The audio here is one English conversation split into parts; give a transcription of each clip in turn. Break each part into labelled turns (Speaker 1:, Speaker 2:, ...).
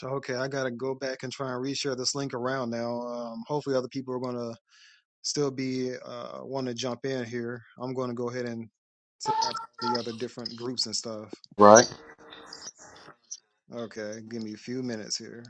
Speaker 1: So, Okay, I gotta go back and try and reshare this link around now. Um, hopefully, other people are gonna still be uh, want to jump in here. I'm gonna go ahead and send it out to all the other different groups and stuff.
Speaker 2: Right?
Speaker 1: Okay, give me a few minutes here.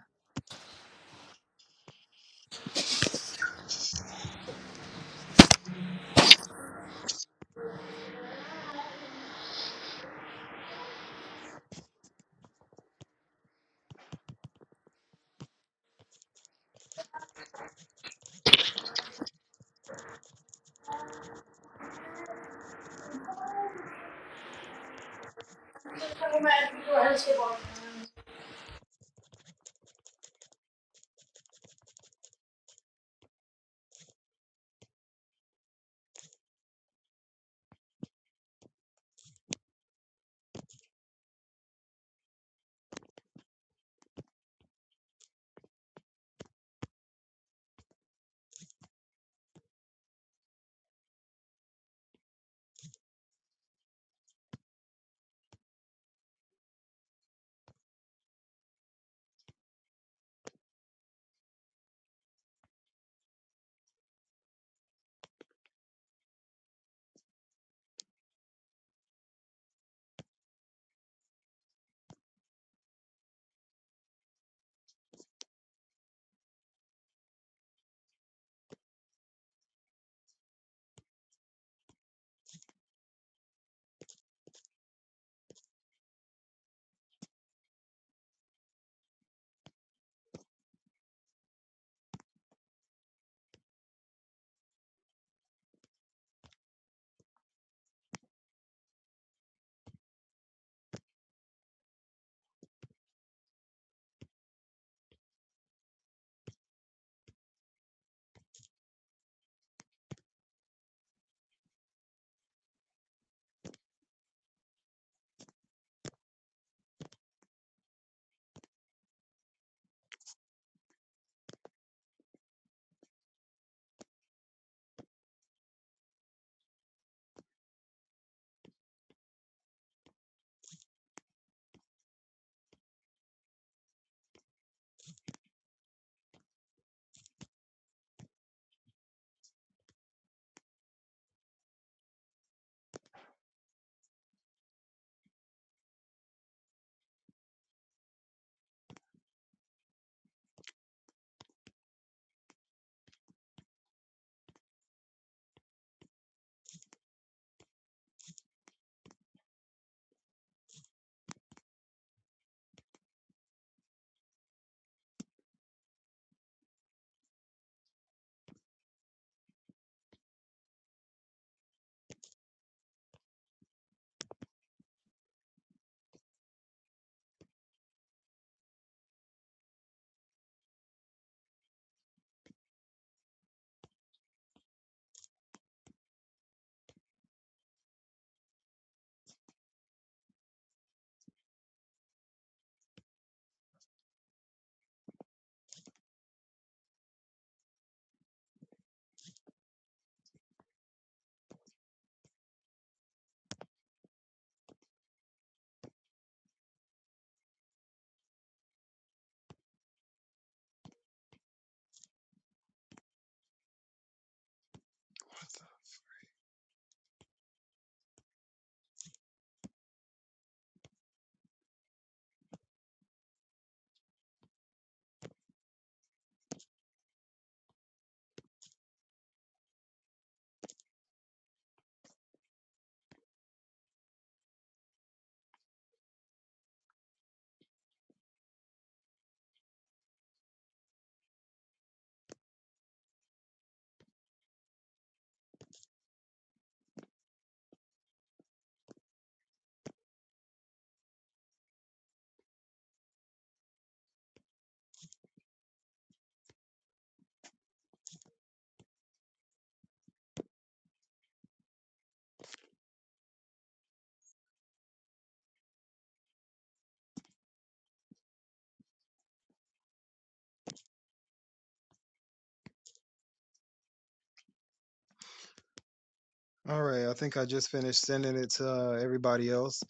Speaker 1: All right, I think I just finished sending it to uh, everybody else.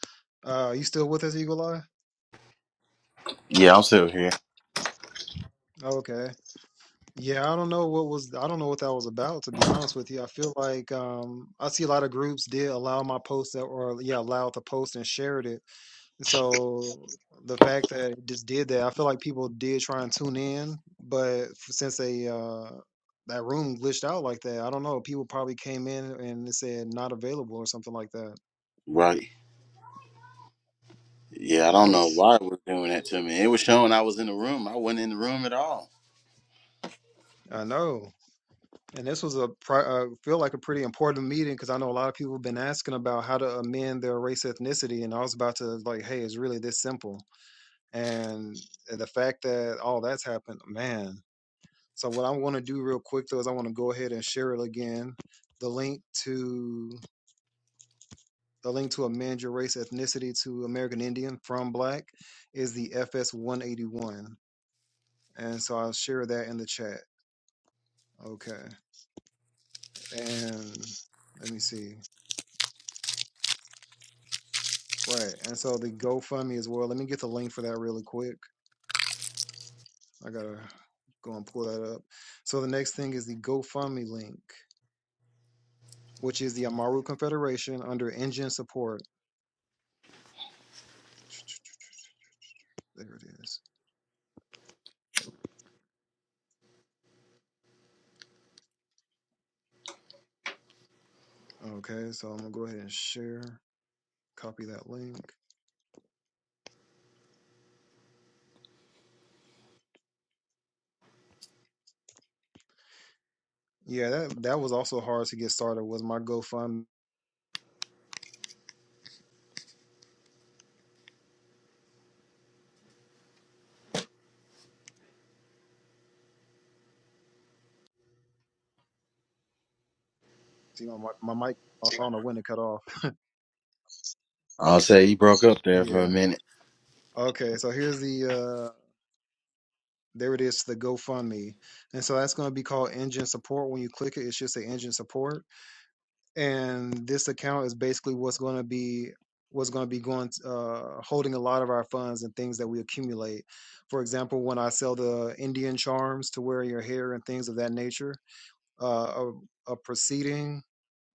Speaker 1: Uh, you still with us, Eagle Eye?
Speaker 2: Yeah, I'm still here.
Speaker 1: Okay. Yeah, I don't know what was I don't know what that was about, to be honest with you. I feel like um I see a lot of groups did allow my post that or yeah, allowed the post and shared it So the fact that it just did that, I feel like people did try and tune in, but f- since they uh that room glitched out like that, I don't know. People probably came in and it said not available or something like that.
Speaker 2: Right. Yeah, I don't
Speaker 1: That
Speaker 2: know
Speaker 1: was
Speaker 2: why it was doing that to me. It was showing I was in the room. I wasn't in the room at all.
Speaker 1: I know. And this was a pri- uh, feel like a pretty important meeting because I know a lot of people have been asking about how to amend their race ethnicity, and I was about to like, hey, it's really this simple. And the fact that all that's happened, man, So what I want to do real quick though is I want to go ahead and share it again. The link to the link to amend your race ethnicity to American Indian from Black is the FS 181, and so I'll share that in the chat. Okay, and let me see. Right, and so the GoFundMe as well. Let me get the link for that really quick. I gotta go and pull that up. So the next thing is the GoFundMe link, which is the Amaru Confederation under Indian Support. There it is. Okay, so I'm gonna go ahead and share, copy that link. Yeah, that that was also hard to get started. Was my GoFundMe? You know, my my mic cut off. I don't know when it cut off.
Speaker 2: I'll say you broke up there for a
Speaker 1: Yeah.
Speaker 2: minute.
Speaker 1: Okay, so here's the uh there it is the GoFundMe. And so that's going to be called Engine Support. When you click it, it should say Engine Support. And this account is basically what's going to be what's going to be going uh holding a lot of our funds and things that we accumulate. For example, when I sell the Indian charms to wear in your hair and things of that nature, uh, a, a proceeding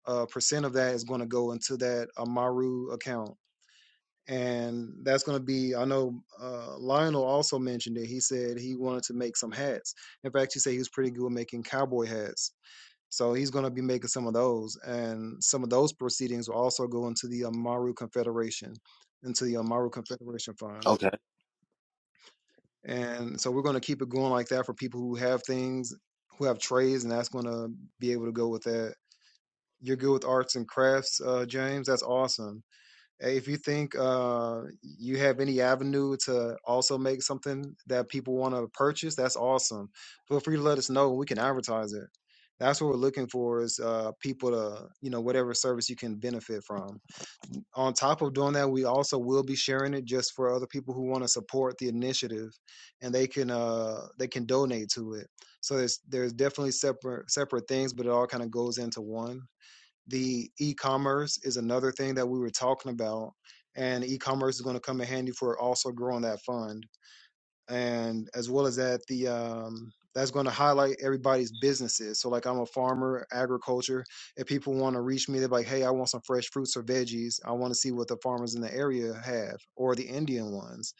Speaker 1: uh, percent of that is going to go into that Amaru account, and that's going to be. I know uh, Lionel also mentioned it. He said he wanted to make some hats. In fact, he said he was pretty good at making cowboy hats. So he's going to be making some of those, and some of those proceedings will also go into the Amaru Confederation, into the Amaru Confederation Fund.
Speaker 2: Okay.
Speaker 1: And so we're going to keep it going like that for people who have things, who have trades, and that's going to be able to go with that you're good with arts and crafts, uh, James. That's awesome. Hey, If you think uh, you have any avenue to also make something that people want to purchase, that's awesome. Feel free to let us know. We can advertise it. That's what we're looking for is uh, people to, you know, whatever service you can benefit from. On top of doing that, we also will be sharing it just for other people who want to support the initiative, and they can uh, they can donate to it. So there's there's definitely separate separate things, but it all kind of goes into one the e-commerce is another thing that we were talking about and e-commerce is going to come in handy for also growing that fund and as well as that the um that's going to highlight everybody's businesses so like i'm a farmer agriculture if people want to reach me they're like hey i want some fresh fruits or veggies i want to see what the farmers in the area have or the indian ones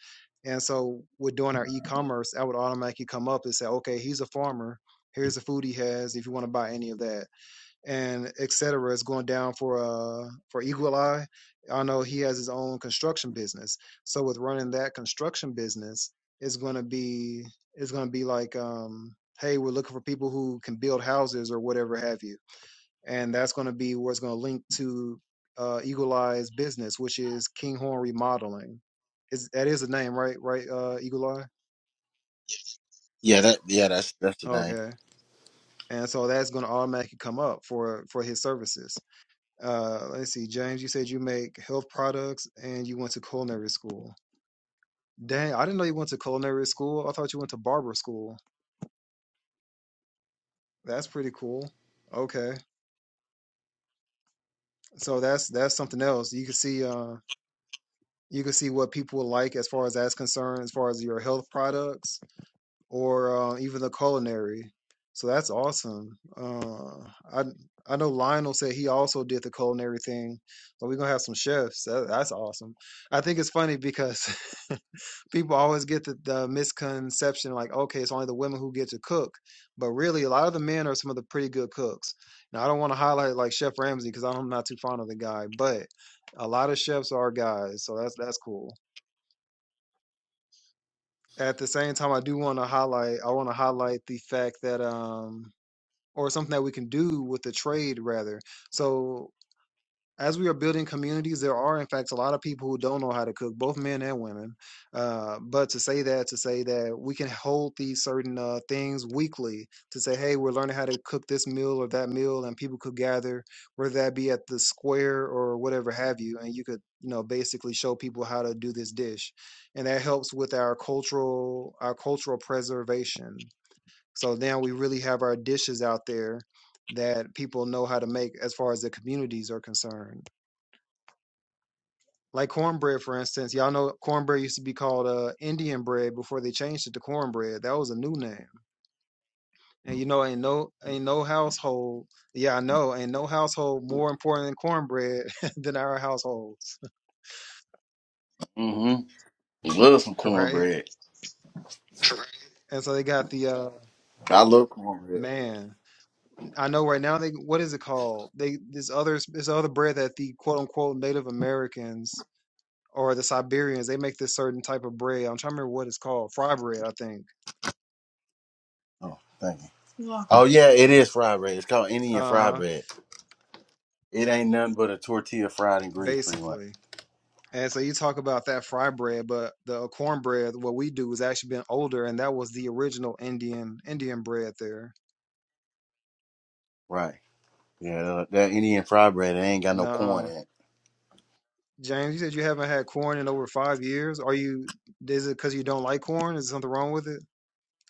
Speaker 1: and so with doing our e-commerce i would automatically come up and say okay he's a farmer here's the food he has if you want to buy any of that and et cetera is going down for uh for Eagle Eye. I know he has his own construction business. So with running that construction business, it's gonna be it's gonna be like um hey, we're looking for people who can build houses or whatever have you. And that's gonna be where it's gonna link to uh Eagle Eye's business, which is Kinghorn Remodeling. Is that is the name, right? Right, uh Eagle Eye?
Speaker 2: Yeah, that yeah, that's that's the name.
Speaker 1: Okay. And so that's gonna automatically come up for for his services. Uh, let's see, James, you said you make health products and you went to culinary school. Dang, I didn't know you went to culinary school. I thought you went to barber school. That's pretty cool. Okay, so that's that's something else. You can see, uh, you can see what people like as far as that's concerned, as far as your health products or uh, even the culinary. So that's awesome. Uh, I I know Lionel said he also did the culinary thing, so we're gonna have some chefs. That, that's awesome. I think it's funny because people always get the, the misconception like okay it's only the women who get to cook but really a lot of the men are some of the pretty good cooks now i don't want to highlight like chef Ramsay because i'm not too fond of the guy but a lot of chefs are guys so that's that's cool at the same time i do want to highlight i want to highlight the fact that um or something that we can do with the trade rather so as we are building communities, there are in fact a lot of people who don't know how to cook, both men and women. Uh, but to say that, to say that we can hold these certain uh, things weekly to say, hey, we're learning how to cook this meal or that meal, and people could gather, whether that be at the square or whatever have you, and you could, you know, basically show people how to do this dish, and that helps with our cultural our cultural preservation. So now we really have our dishes out there that people know how to make as far as the communities are concerned. Like cornbread, for instance. Y'all know cornbread used to be called uh Indian bread before they changed it to cornbread. That was a new name. And you know, ain't no ain't no household yeah, I know, ain't no household more important than cornbread than our households.
Speaker 2: Mm-hmm. Love some
Speaker 1: Right?
Speaker 2: cornbread.
Speaker 1: And so they got the uh
Speaker 2: I love cornbread.
Speaker 1: man. I know right now they what is it called? They this other this other bread that the quote unquote Native Americans or the Siberians they make this certain type of bread. I'm trying to remember what it's called. Fry bread, I think.
Speaker 2: Oh, thank you. Oh yeah, it is fried bread. It's called Indian
Speaker 1: Uh
Speaker 2: fried
Speaker 1: huh.
Speaker 2: bread. It ain't nothing but a tortilla fried in grease, pretty much.
Speaker 1: Basically. And so you talk about that fry bread, but the uh, cornbread, what we do is actually been older, and that was the original Indian Indian bread there.
Speaker 2: Right. Yeah, that that Indian fried bread, it ain't got no corn
Speaker 1: Nah,
Speaker 2: in it.
Speaker 1: James, you said you haven't had corn in over five years. Are you? Is it because you don't like corn? Is something wrong with it?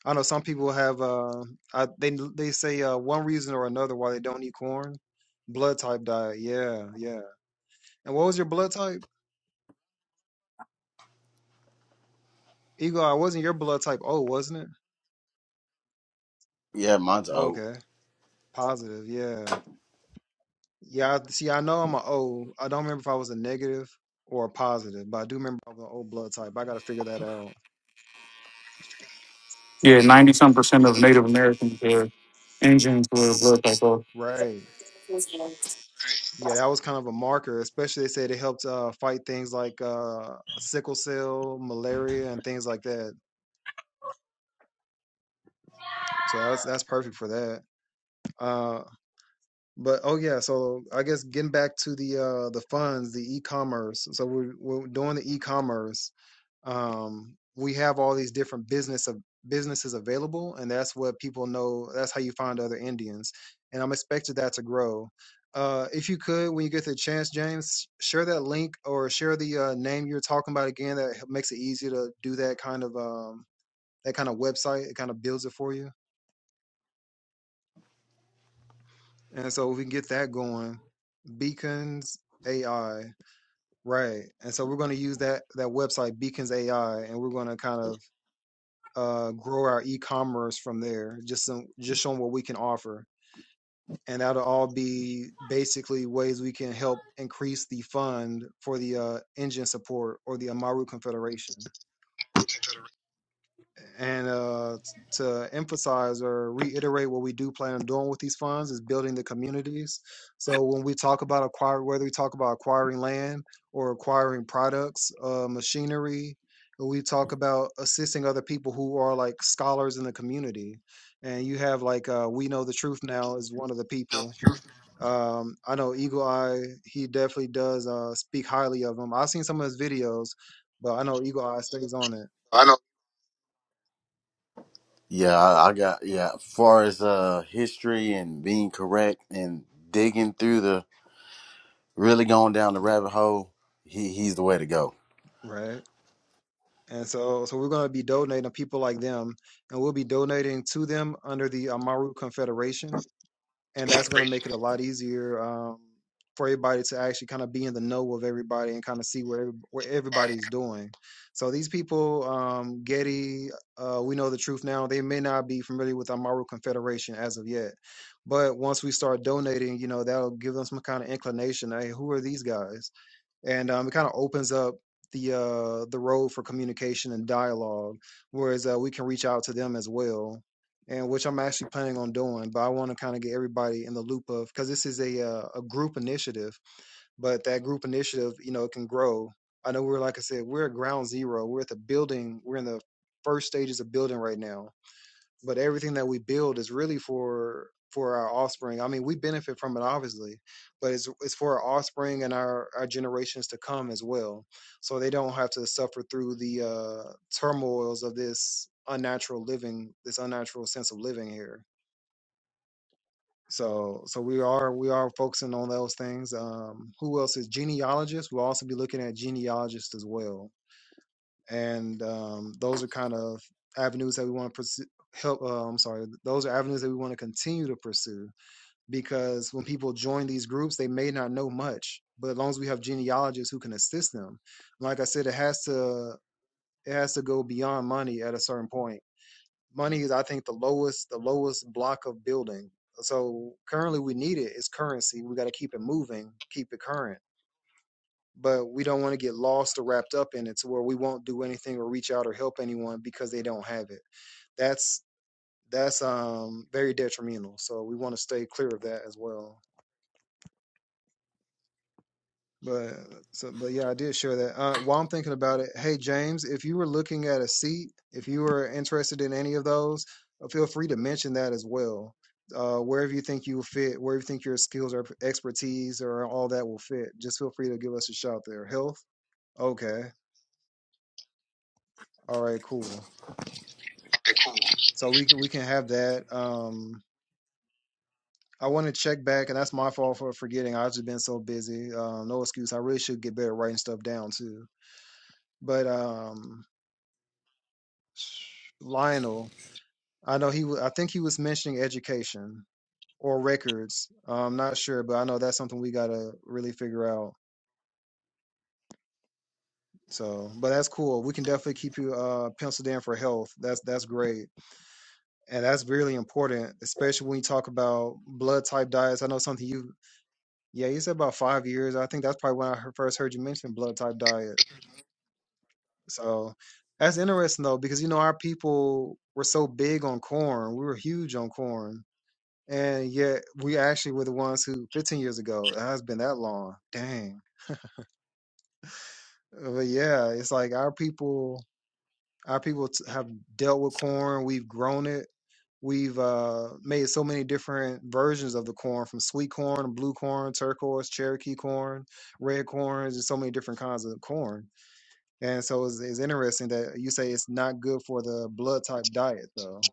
Speaker 1: I know some people have. Uh, I, they they say uh, one reason or another why they don't eat corn. Blood type diet. Yeah, yeah. And what was your blood type? Ego, I wasn't your blood type. Oh, wasn't it?
Speaker 2: Yeah, mine's oat.
Speaker 1: Okay, positive. Yeah. Yeah, I- see, I know I'm an O. I don't remember if I was a negative or a positive, but I do remember I was an O blood type. I got to figure that out.
Speaker 3: Yeah, ninety some percent of Native Americans their engines were blood type O.
Speaker 1: Right. Yeah, that was kind of a marker, especially they said it helped uh, fight things like uh, sickle cell, malaria, and things like that. So that's that's perfect for that. Uh, But oh yeah, so I guess getting back to the uh the funds, the e-commerce. So we're we're doing the e-commerce. Um, we have all these different business of businesses available, and that's what people know. That's how you find other Indians, and I'm expected that to grow. Uh, if you could, when you get the chance, James, share that link or share the uh, name you're talking about again. That h- makes it easier to do that kind of um, that kind of website. It kind of builds it for you, and so we can get that going. Beacons AI. Right. And so we're going to use that that website Beacons AI and we're going to kind of uh grow our e-commerce from there just some just showing what we can offer. And that'll all be basically ways we can help increase the fund for the uh, engine support or the Amaru Confederation. And uh, t- to emphasize or reiterate what we do plan on doing with these funds is building the communities. So when we talk about acquire, whether we talk about acquiring land or acquiring products, uh, machinery, and we talk about assisting other people who are like scholars in the community. And you have like uh, we know the truth now is one of the people. Um, I know Eagle Eye. He definitely does uh, speak highly of him. I've seen some of his videos, but I know Eagle Eye stays on it,
Speaker 2: Yeah, I, I got yeah. As far as uh history and being correct and digging through the really going down the rabbit hole, he he's the way to go.
Speaker 1: right? And so, so we're going to be donating to people like them, and we'll be donating to them under the Amaru Confederation, and that's going to make it a lot easier um, for everybody to actually kind of be in the know of everybody and kind of see where every- where everybody's doing. So these people, um, Getty, uh, we know the truth now. They may not be familiar with Amaru Confederation as of yet, but once we start donating, you know, that'll give them some kind of inclination. Hey, who are these guys? and um, it kind of opens up the uh, the road for communication and dialogue, whereas uh, we can reach out to them as well, and which I'm actually planning on doing. But I want to kind of get everybody in the loop of because this is a uh, a group initiative, but that group initiative, you know, it can grow. I know we're like I said, we're at ground zero. We're at the building. We're in the first stages of building right now but everything that we build is really for for our offspring. I mean, we benefit from it obviously, but it's it's for our offspring and our our generations to come as well. So they don't have to suffer through the uh turmoils of this unnatural living, this unnatural sense of living here. So so we are we are focusing on those things. Um who else is genealogists? We'll also be looking at genealogists as well and um, those are kind of avenues that we want to pursue help uh, i'm sorry those are avenues that we want to continue to pursue because when people join these groups they may not know much but as long as we have genealogists who can assist them like i said it has to it has to go beyond money at a certain point money is i think the lowest the lowest block of building so currently we need it. It's currency we got to keep it moving keep it current but we don't want to get lost or wrapped up in it to where we won't do anything or reach out or help anyone because they don't have it. That's that's um very detrimental. So we want to stay clear of that as well. But so but yeah, I did share that. Uh, while I'm thinking about it, hey James, if you were looking at a seat, if you were interested in any of those, uh, feel free to mention that as well. Uh, wherever you think you will fit, wherever you think your skills or expertise or all that will fit, just feel free to give us a shout there. Health, okay, all right, cool. so we can we can have that. Um, I want to check back, and that's my fault for forgetting. I've just been so busy. Um, no excuse. I really should get better at writing stuff down too. But um, Lionel, I know he. wa- I think he was mentioning education or records. I'm not sure, but I know that's something we gotta really figure out. So, but that's cool. We can definitely keep you uh, penciled in for health. That's that's great, and that's really important, especially when you talk about blood type diets. I know something you Yeah, you said about five years. I think that's probably when I heard- first heard you mention blood type diet. So that's interesting though, because you know our people were so big on corn. We were huge on corn, and yet we actually were the ones who 15 years ago. It has been that long. Dang. But yeah, it's like our people, our people t- have dealt with corn. We've grown it. We've uh, made so many different versions of the corn, from sweet corn, blue corn, turquoise, Cherokee corn, red corns, and so many different kinds of corn And so it's, it's interesting that you say it's not good for the blood type diet, though.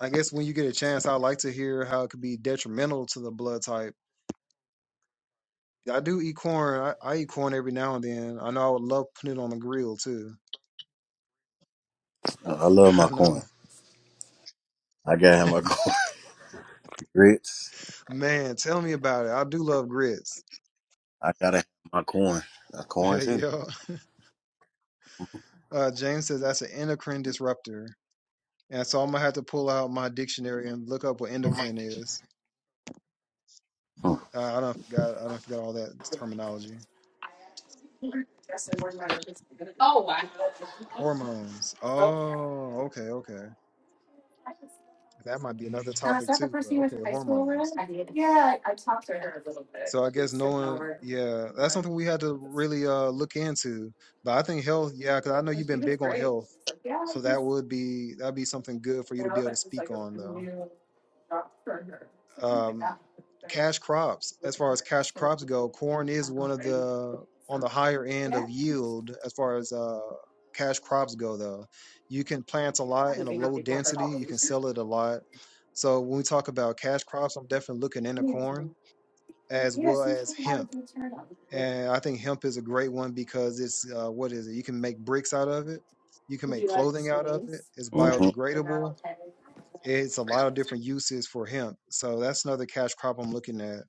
Speaker 1: I guess when you get a chance, I'd like to hear how it could be detrimental to the blood type. I do eat corn. I, I eat corn every now and then. I know I would love putting it on the grill too.
Speaker 2: I, I love my
Speaker 1: I know.
Speaker 2: coin. I gotta have my coin grits.
Speaker 1: Man, tell me about it. I do love grits.
Speaker 2: I gotta have my coin. A coin too.
Speaker 1: yeah. Uh, James says that's an endocrine disruptor. And so I'm gonna have to pull out my dictionary and look up what endocrine is. Uh, I don't forgot. I don't forgot all that terminology. Hormones. Oh, okay, okay. That might be another topic too, but okay, hormones. So I guess knowing, yeah, that's something we had to really uh look into. But I think health, yeah, because I know you've been big on health, so that would be that'd be something good for you to be able to speak on though. um, cash crops. As far as cash crops go, corn is one of the on the higher end of yield as far as uh, cash crops go. Though you can plant a lot in a low density, you can sell it a lot. So when we talk about cash crops, I'm definitely looking into corn as well as hemp. And I think hemp is a great one because it's uh, what is it? You can make bricks out of it. You can make clothing out of it. It's
Speaker 2: Mm-hmm.
Speaker 1: biodegradable. It's a lot of different uses for hemp. So that's another cash crop I'm looking at.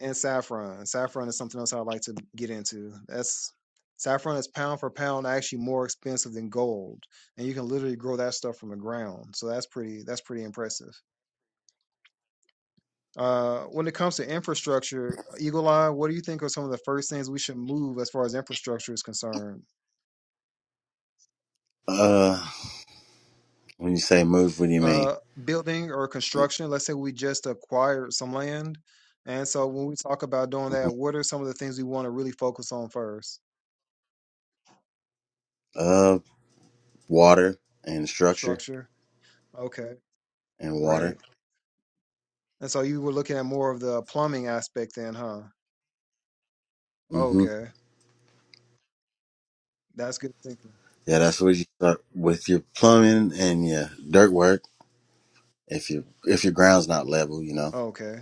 Speaker 1: and saffron. Saffron is something else I'd like to get into. That's saffron is pound for pound actually more expensive than gold, and you can literally grow that stuff from the ground. So that's pretty that's pretty impressive. Uh, when it comes to infrastructure, Eagle Eye, what do you think are some of the first things we should move as far as infrastructure is concerned?
Speaker 2: Uh, when you say move, what do you mean?
Speaker 1: Uh, building or construction. Let's say we just acquired some land, and so when we talk about doing
Speaker 2: hmm
Speaker 1: that, what are some of the things we want to really focus on first?
Speaker 2: Uh, water and structure
Speaker 1: Structure. Okay.
Speaker 2: and
Speaker 1: Right.
Speaker 2: water.
Speaker 1: And so you were looking at more of the plumbing aspect then, huh?
Speaker 2: hmm
Speaker 1: Okay. That's good thinking.
Speaker 2: Yeah, that's what you start with your plumbing and your dirt work. if your if your ground's not level, you know.
Speaker 1: Okay.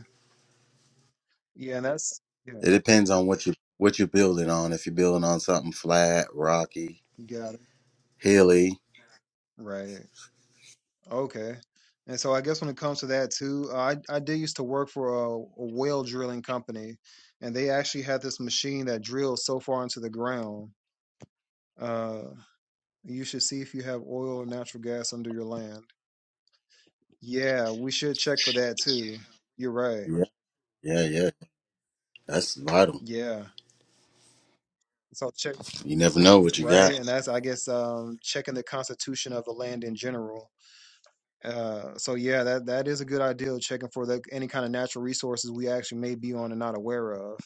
Speaker 1: Yeah, and that's yeah,
Speaker 2: It depends on what you what you're building on. If you're building on something flat, rocky,
Speaker 1: you got it.
Speaker 2: hilly,
Speaker 1: Right. Okay. And so I guess when it comes to that too, uh, I I did used to work for a, a well drilling company, and they actually had this machine that drills so far into the ground. Uh, you should see if you have oil or natural gas under your land. Yeah, we should check for that too. You're right.
Speaker 2: yeah, yeah, yeah, that's vital.
Speaker 1: Yeah. So check.
Speaker 2: You never know what you
Speaker 1: right? And
Speaker 2: got,
Speaker 1: that's, I guess, um, checking the constitution of the land in general. Uh, so yeah, that that is a good idea. Checking for the, any kind of natural resources we actually may be on and not aware of.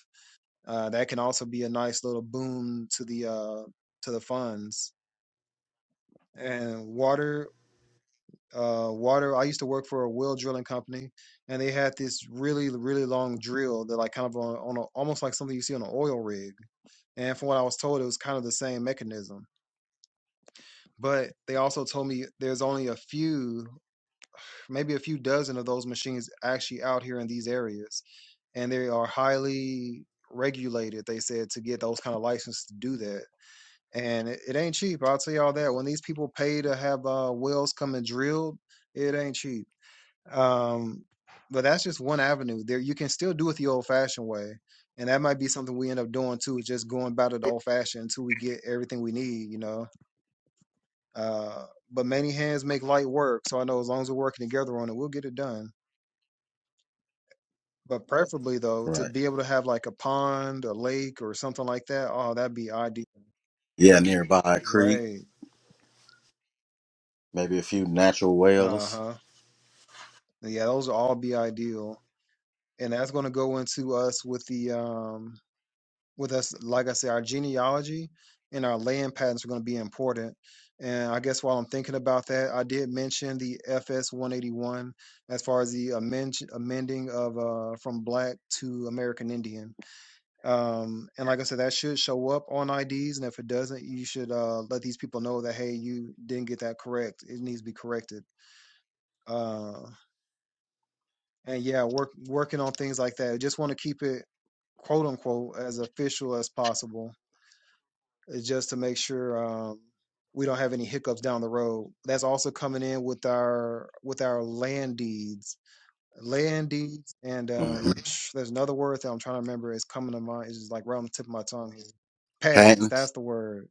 Speaker 1: Uh, that can also be a nice little boom to the uh, to the funds and water. Uh, water. I used to work for a well drilling company, and they had this really, really long drill that, like, kind of on, on a, almost like something you see on an oil rig. And from what I was told, it was kind of the same mechanism But they also told me there's only a few, maybe a few dozen of those machines actually out here in these areas. And they are highly regulated, they said, to get those kind of licenses to do that. And it, it ain't cheap. I'll tell y'all that. When these people pay to have uh, wells come and drilled, it ain't cheap. Um, but that's just one avenue. There, you can still do it the old-fashioned way, and that might be something we end up doing too. Just going about it the old-fashioned until we get everything we need, you know uh, but many hands make light work. So I know as long as we're working together on it, we'll get it done. But preferably though, to
Speaker 2: right?
Speaker 1: be able to have like a pond, a lake, or something like that. Oh, that'd be ideal.
Speaker 2: Yeah, nearby a creek,
Speaker 1: Right.
Speaker 2: maybe a few natural
Speaker 1: Uh
Speaker 2: wells,
Speaker 1: huh. Yeah, those will all be ideal, and that's going to go into us with the um with us, like I said, our genealogy and our land patents are going to be important. And I guess while I'm thinking about that, I did mention the FS 181 as far as the amend- amending of uh, from black to American Indian. Um, and like I said, that should show up on IDs. And if it doesn't, you should uh, let these people know that, hey, you didn't get that correct. It needs to be corrected. Uh, and yeah, work working on things like that. I Just want to keep it quote unquote as official as possible just to make sure um, we don't have any hiccups down the road. That's also coming in with our with our land deeds, land deeds, and
Speaker 2: hmm
Speaker 1: um, there's another word that I'm trying to remember. It's coming to mind. It's just like right on the tip of my tongue here. Patents.
Speaker 2: patents.
Speaker 1: That's the word.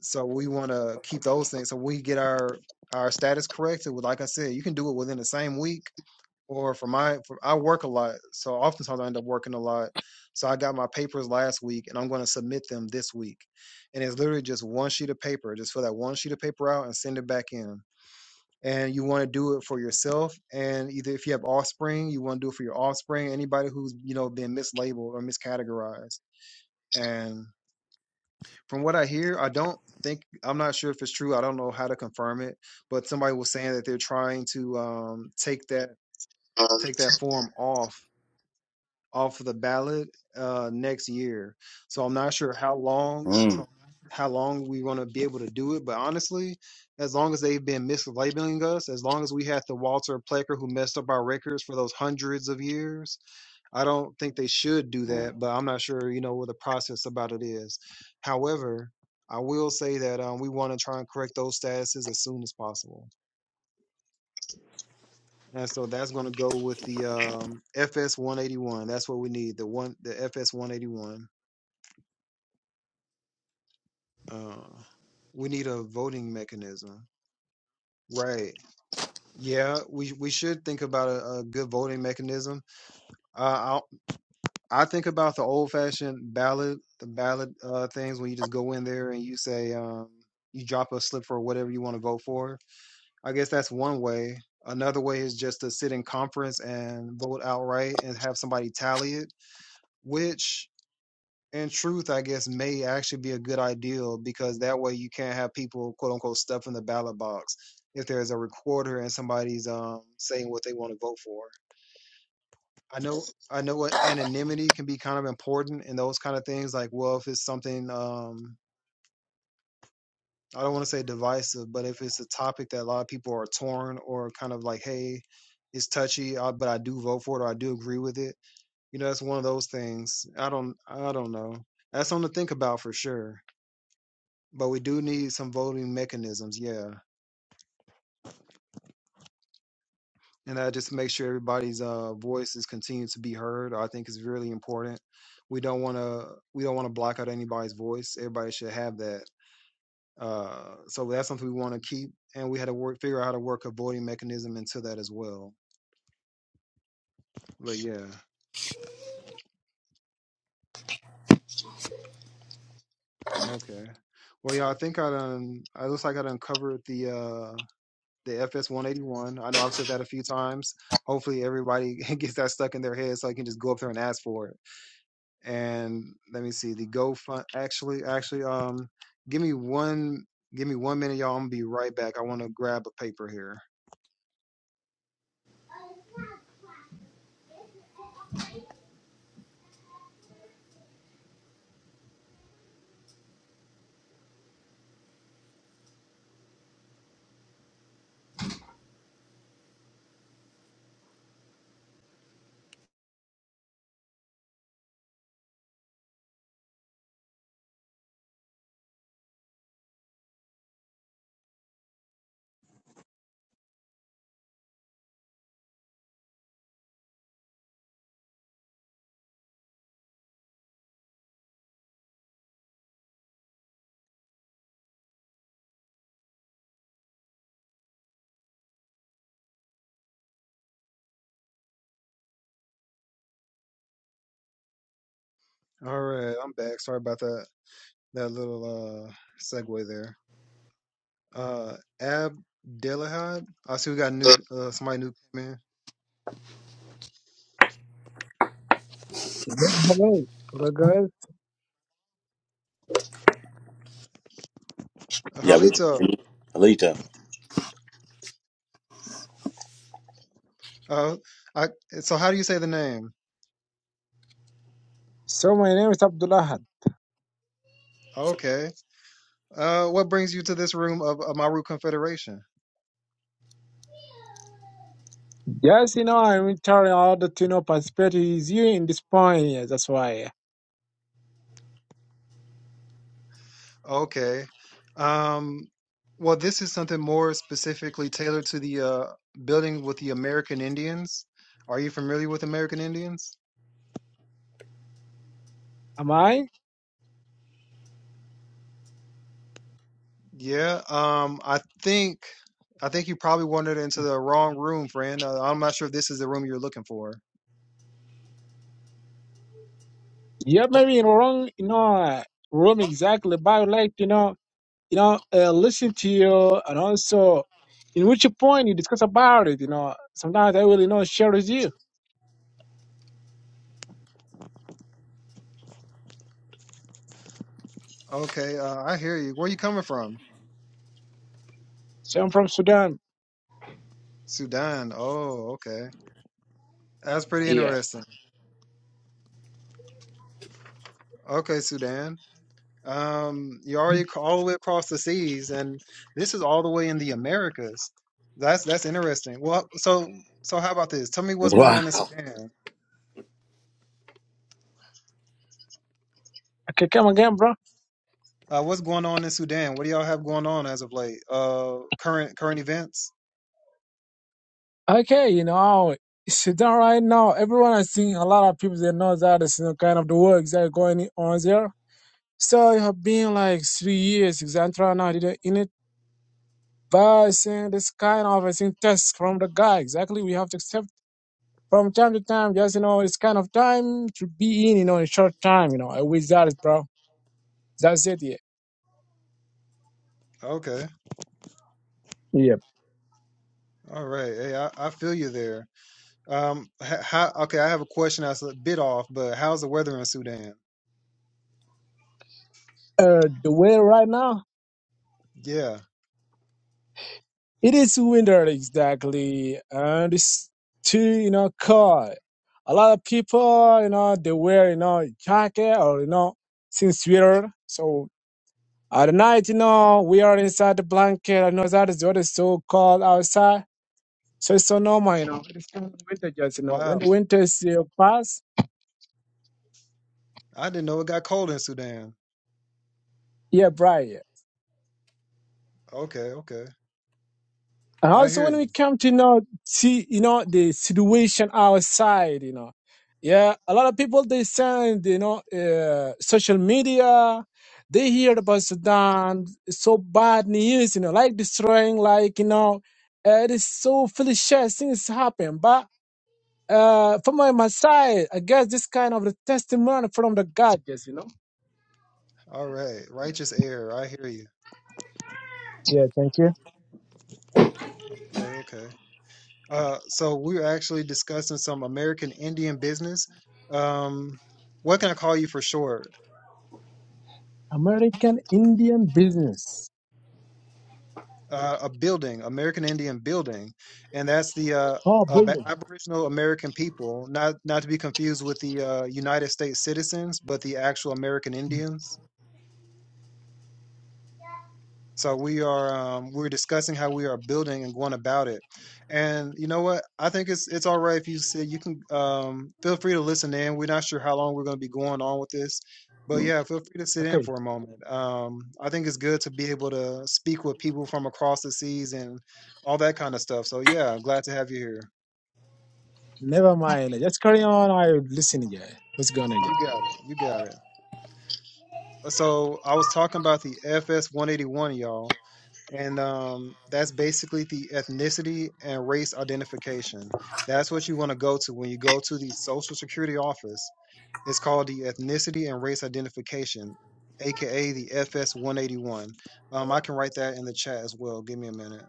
Speaker 1: So we want to keep those things. So we get our our status corrected. Like I said, you can do it within the same week or for my for, I work a lot, so oftentimes I end up working a lot. So I got my papers last week, and I'm going to submit them this week. And it's literally just one sheet of paper. Just fill that one sheet of paper out and send it back in. And you want to do it for yourself, and either if you have offspring, you want to do it for your offspring. Anybody who's you know been mislabeled or miscategorized. And from what I hear, I don't think I'm not sure if it's true. I don't know how to confirm it, but somebody was saying that they're trying to um, take that take that form off off of the ballot uh, next year. So I'm not sure how long
Speaker 2: Mm.
Speaker 1: how long we want to be able to do it. But honestly, as long as they've been mislabeling us, as long as we had the Walter Plecker who messed up our records for those hundreds of years, I don't think they should do
Speaker 2: Mm.
Speaker 1: that. But I'm not sure, you know, what the process about it is. However, I will say that um, we want to try and correct those statuses as soon as possible. And so that's going to go with the um, FS 181. That's what we need. The one, the FS 181. Uh, we need a voting mechanism. Right. Yeah, we we should think about a, a good voting mechanism. Uh, I I think about the old fashioned ballot, the ballot uh, things when you just go in there and you say um, you drop a slip for whatever you want to vote for. I guess that's one way. Another way is just to sit in conference and vote outright and have somebody tally it, which in truth, I guess, may actually be a good ideal because that way you can't have people quote unquote stuff in the ballot box if there's a recorder and somebody's um saying what they want to vote for. I know I know what anonymity can be kind of important in those kind of things, like well if it's something um I don't want to say divisive, but if it's a topic that a lot of people are torn or kind of like, hey, it's touchy, uh, but I do vote for it or I do agree with it. You know, that's one of those things. I don't, I don't know. That's something to think about for sure But we do need some voting mechanisms, yeah. And that just make sure everybody's uh voices continue to be heard. I think is really important. We don't want to we don't want to block out anybody's voice. Everybody should have that. Uh, so that's something we want to keep, and we had to work figure out how to work a voting mechanism into that as well. But yeah, okay. Well, yeah, I think I done. I looks like I done covered the uh the FS one eighty one. I know I've said that a few times. Hopefully, everybody gets that stuck in their head so I can just go up there and ask for it and let me see the GoFund. Actually, actually, um, give me one, give me one minute, y'all. I'm gonna be right back. I want to grab a paper here. All right, I'm back. Sorry about that that little uh segue there. Uh, Ab Delahad. I see we got new uh somebody new came in.
Speaker 4: Hello, hello
Speaker 1: Uh,
Speaker 2: Yeah, we
Speaker 1: Halito.
Speaker 2: Alito.
Speaker 1: Uh, I so how do you say the name?
Speaker 4: So my name is Abdullah.
Speaker 1: Okay. Uh, what brings you to this room of, of Maru Confederation?
Speaker 4: Yes, you know, I'm retired out to you know participate with you in this point. yeah, That's why.
Speaker 1: Okay. Um, well, this is something more specifically tailored to the uh, building with the American Indians. Are you familiar with American Indians?
Speaker 4: Am I?
Speaker 1: Yeah. Um, I think I think you probably wandered into the wrong room, friend. Uh, I'm not sure if this is the room you're looking for.
Speaker 4: Yeah, maybe in wrong. You know, uh, room exactly. But I would like to know, you know, uh, listen to you and also in which point you discuss about it. You know, sometimes I will you know share with you.
Speaker 1: Okay, uh, I hear you. Where you coming from?
Speaker 4: So I'm from Sudan.
Speaker 1: Sudan. Oh, okay. That's pretty
Speaker 4: Yeah.
Speaker 1: interesting. Okay, Sudan. Um, you're already
Speaker 4: Mhm.
Speaker 1: ac- all the way across the seas, and this is all the way in the Americas. That's that's interesting. Well, so so how about this? Tell me what's going
Speaker 2: Wow.
Speaker 1: on in Sudan.
Speaker 4: Okay, come again, bro.
Speaker 1: Uh, what's going on in Sudan? What do y'all have going on as of late? Uh, current current events.
Speaker 4: Okay, you know, sit down right now. Everyone I think a lot of people they know that it's you know, kind of the works that are going on there. So it have been like three years exactly right now I didn't in it. But I think this kind of I think test from the guy. Exactly we have to accept from time to time, just you know, it's kind of time to be in, you know, in short time, you know. I wish that is bro. That's it, yeah.
Speaker 1: Okay,
Speaker 4: Yep.
Speaker 1: all right. Hey, I, I feel you there. Um, h- how? Okay, I have a question that's a bit off, but how's the weather in Sudan?
Speaker 4: Uh the way right now.
Speaker 1: Yeah.
Speaker 4: It is winter exactly, and it's too you know cold. A lot of people, you know, they wear you know jacket or you know thin sweater. So at night, you know, we are inside the blanket. I know that is what is so cold outside. So it's so normal, you know. It's so winter, just you know, when the
Speaker 1: Wow.
Speaker 4: winter is uh, past,
Speaker 1: I didn't know it got cold in Sudan.
Speaker 4: yeah, bright. yeah.
Speaker 1: Okay, okay.
Speaker 4: And
Speaker 1: I
Speaker 4: also
Speaker 1: hear
Speaker 4: when
Speaker 1: you.
Speaker 4: we come to you know see you know the situation outside, you know, yeah, a lot of people they send you know uh, social media, they hear about Sudan so bad news, you know, like destroying, like you know, uh, it is so foolishness things happen. But uh, from my, my side, I guess this kind of the testimony from the God, yes, you know.
Speaker 1: All right. Righteous air. I hear you.
Speaker 4: Yeah, thank you.
Speaker 1: Okay, okay. Uh, so we're actually discussing some American Indian business. Um, what can I call you for short?
Speaker 4: American Indian business,
Speaker 1: Uh, a building, American Indian building, and that's the uh,
Speaker 4: oh
Speaker 1: Ab-
Speaker 4: building.
Speaker 1: Aboriginal American people, not not to be confused with the uh, United States citizens, but the actual American Indians. So we are um, we're discussing how we are building and going about it. And you know what? I think it's it's all right if you say you can um, feel free to listen in. We're not sure how long we're going to be going on with this, but yeah, feel free to sit in
Speaker 4: okay.
Speaker 1: for a moment. Um, I think it's good to be able to speak with people from across the seas and all that kind of stuff. So yeah, glad to have you here.
Speaker 4: Never mind. Just carry on. I'm listening. Yeah. What's going on? Yeah.
Speaker 1: You got it. You got it. So I was talking about the FS 181, y'all and um, that's basically the ethnicity and race identification. That's what you want to go to when you go to the Social Security office. It's called the ethnicity and race identification, aka the FS 181. Um, I can write that in the chat as well. Give me a minute.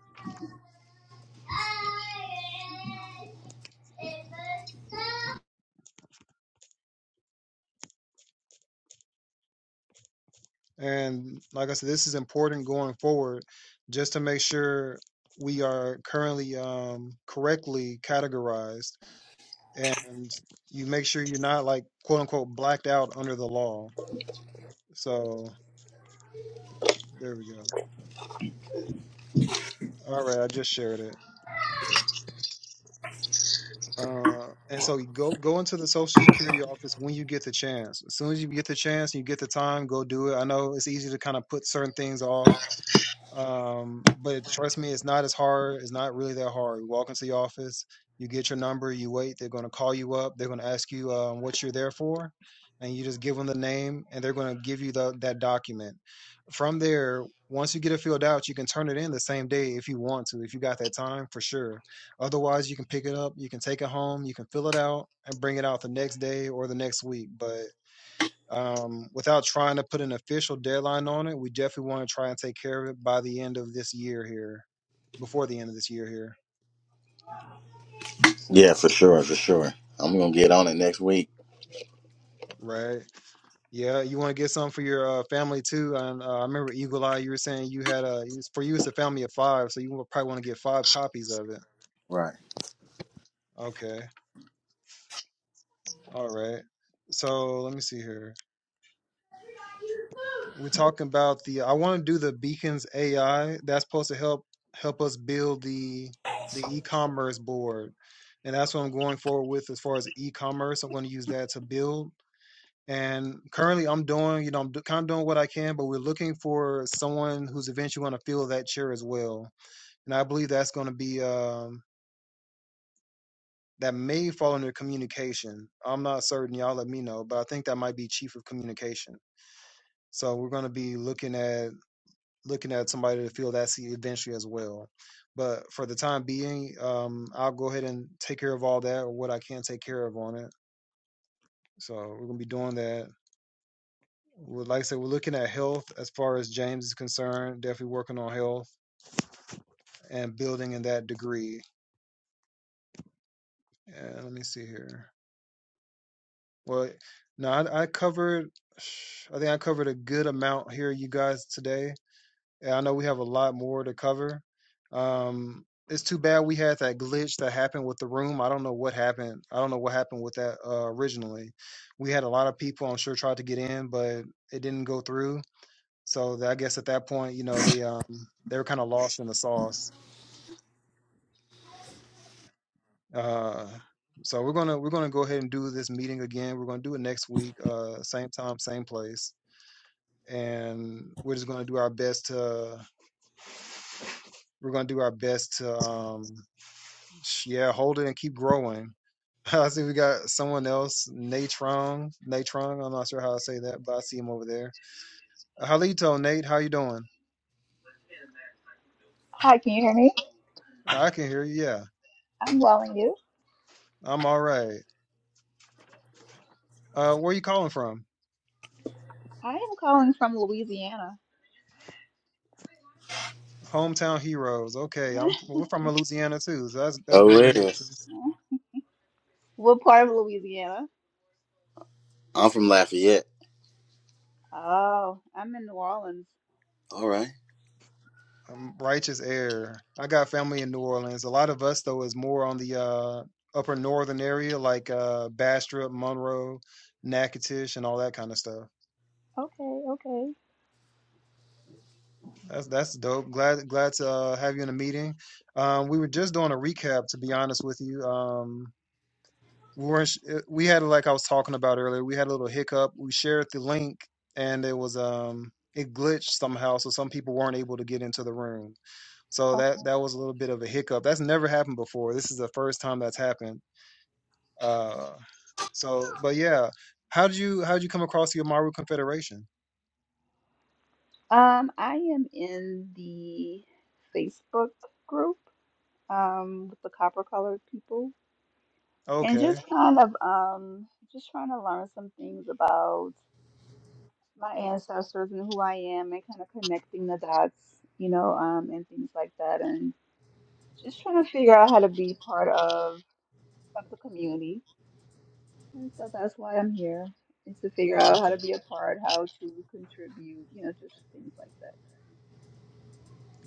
Speaker 1: And like I said, this is important going forward, just to make sure we are currently um, correctly categorized, and you make sure you're not like quote unquote blacked out under the law. So There we go. All right, I just shared it. Uh, and so you go go into the Social Security office when you get the chance. As soon as you get the chance, and you get the time, go do it. I know it's easy to kind of put certain things off. Um, but trust me, it's not as hard. It's not really that hard. You walk into the office, you get your number, you wait. They're going to call you up. They're going to ask you um, what you're there for, and you just give them the name, and they're going to give you the, that document. From there, once you get it filled out, you can turn it in the same day if you want to, if you got that time for sure. Otherwise, you can pick it up, you can take it home, you can fill it out, and bring it out the next day or the next week. But um, without trying to put an official deadline on it, we definitely want to try and take care of it by the end of this year here, before the end of this year here,
Speaker 2: Yeah, for sure, for sure. I'm gonna get on it next week.
Speaker 1: right? Yeah, you want to get some for your uh, family too. And uh, I remember Eagle Eye, you were saying you had a it's- for you it's a family of five, so you will probably want to get five copies of it.
Speaker 2: Right.
Speaker 1: Okay, all right. So let me see here. We're talking about the I want to do the beacons AI that's supposed to help help us build the the e-commerce board. And that's what I'm going forward with as far as e-commerce. I'm going to use that to build. And currently I'm doing, you know, I'm do, kind of doing what I can, but we're looking for someone who's eventually going to fill that chair as well. And I believe that's going to be um that may fall under communication. I'm not certain, y'all let me know, but I think that might be chief of communication. So we're going to be looking at looking at somebody to fill that seat eventually as well. But for the time being, um, I'll go ahead and take care of all that or what I can take care of on it. So we're gonna be doing that. We're, like I said, we're looking at health as far as James is concerned. Definitely working on health and building in that degree. And let me see here. Well, no, I, I covered. I think I covered a good amount here, you guys, today And I know we have a lot more to cover. Um, it's too bad we had that glitch that happened with the room. I don't know what happened. I don't know what happened with that uh, originally. We had a lot of people, I'm sure, tried to get in, but it didn't go through. So th- I guess at that point, you know, they um they were kind of lost in the sauce. Uh, so we're gonna we're gonna go ahead and do this meeting again. We're gonna do it next week, uh, same time, same place, and we're just gonna do our best to we're gonna do our best to um Yeah, hold it and keep growing. I see we got someone else, Natron. Natron, I'm not sure how I say that, but I see him over there. Uh, Halito, Nate, how you doing?
Speaker 5: Hi, can you hear me?
Speaker 1: I can hear you. Yeah,
Speaker 5: I'm well, and you?
Speaker 1: I'm all right. Uh, where you calling from?
Speaker 5: I am calling from Louisiana.
Speaker 1: Hometown heroes. Okay, I'm we're from Louisiana too, so that's that's
Speaker 2: Oh,
Speaker 1: great meeting,
Speaker 2: really?
Speaker 1: sis.
Speaker 5: What part of Louisiana?
Speaker 2: I'm from Lafayette.
Speaker 5: Oh, I'm in New Orleans.
Speaker 2: All right.
Speaker 1: Um, righteous air. I got family in New Orleans. A lot of us though is more on the uh, upper northern area, like uh, Bastrop, Monroe, Natchitoches, and all that kind of stuff.
Speaker 5: Okay, okay,
Speaker 1: That's that's dope. Glad glad to uh, have you in the meeting. Um, we were just doing a recap, to be honest with you. Um, we weren't. sh- uh, We had like I was talking about earlier. We had a little hiccup. We shared the link, and it was um it glitched somehow, so some people weren't able to get into the room. So that
Speaker 5: okay.
Speaker 1: that was a little bit of a hiccup. That's never happened before. This is the first time that's happened. Uh, so but yeah, how did you how did you come across the Amaru Confederation?
Speaker 5: Um, I am in the Facebook group, um, with the copper colored people, and
Speaker 1: Okay,
Speaker 5: just kind of, um, just trying to learn some things about my ancestors and who I am, and kind of connecting the dots, you know, um, and things like that, and just trying to figure out how to be part of. of the community. And so that's why I'm here, is to figure out how
Speaker 1: okay.
Speaker 5: to be a part, how to contribute, you know, just things like that.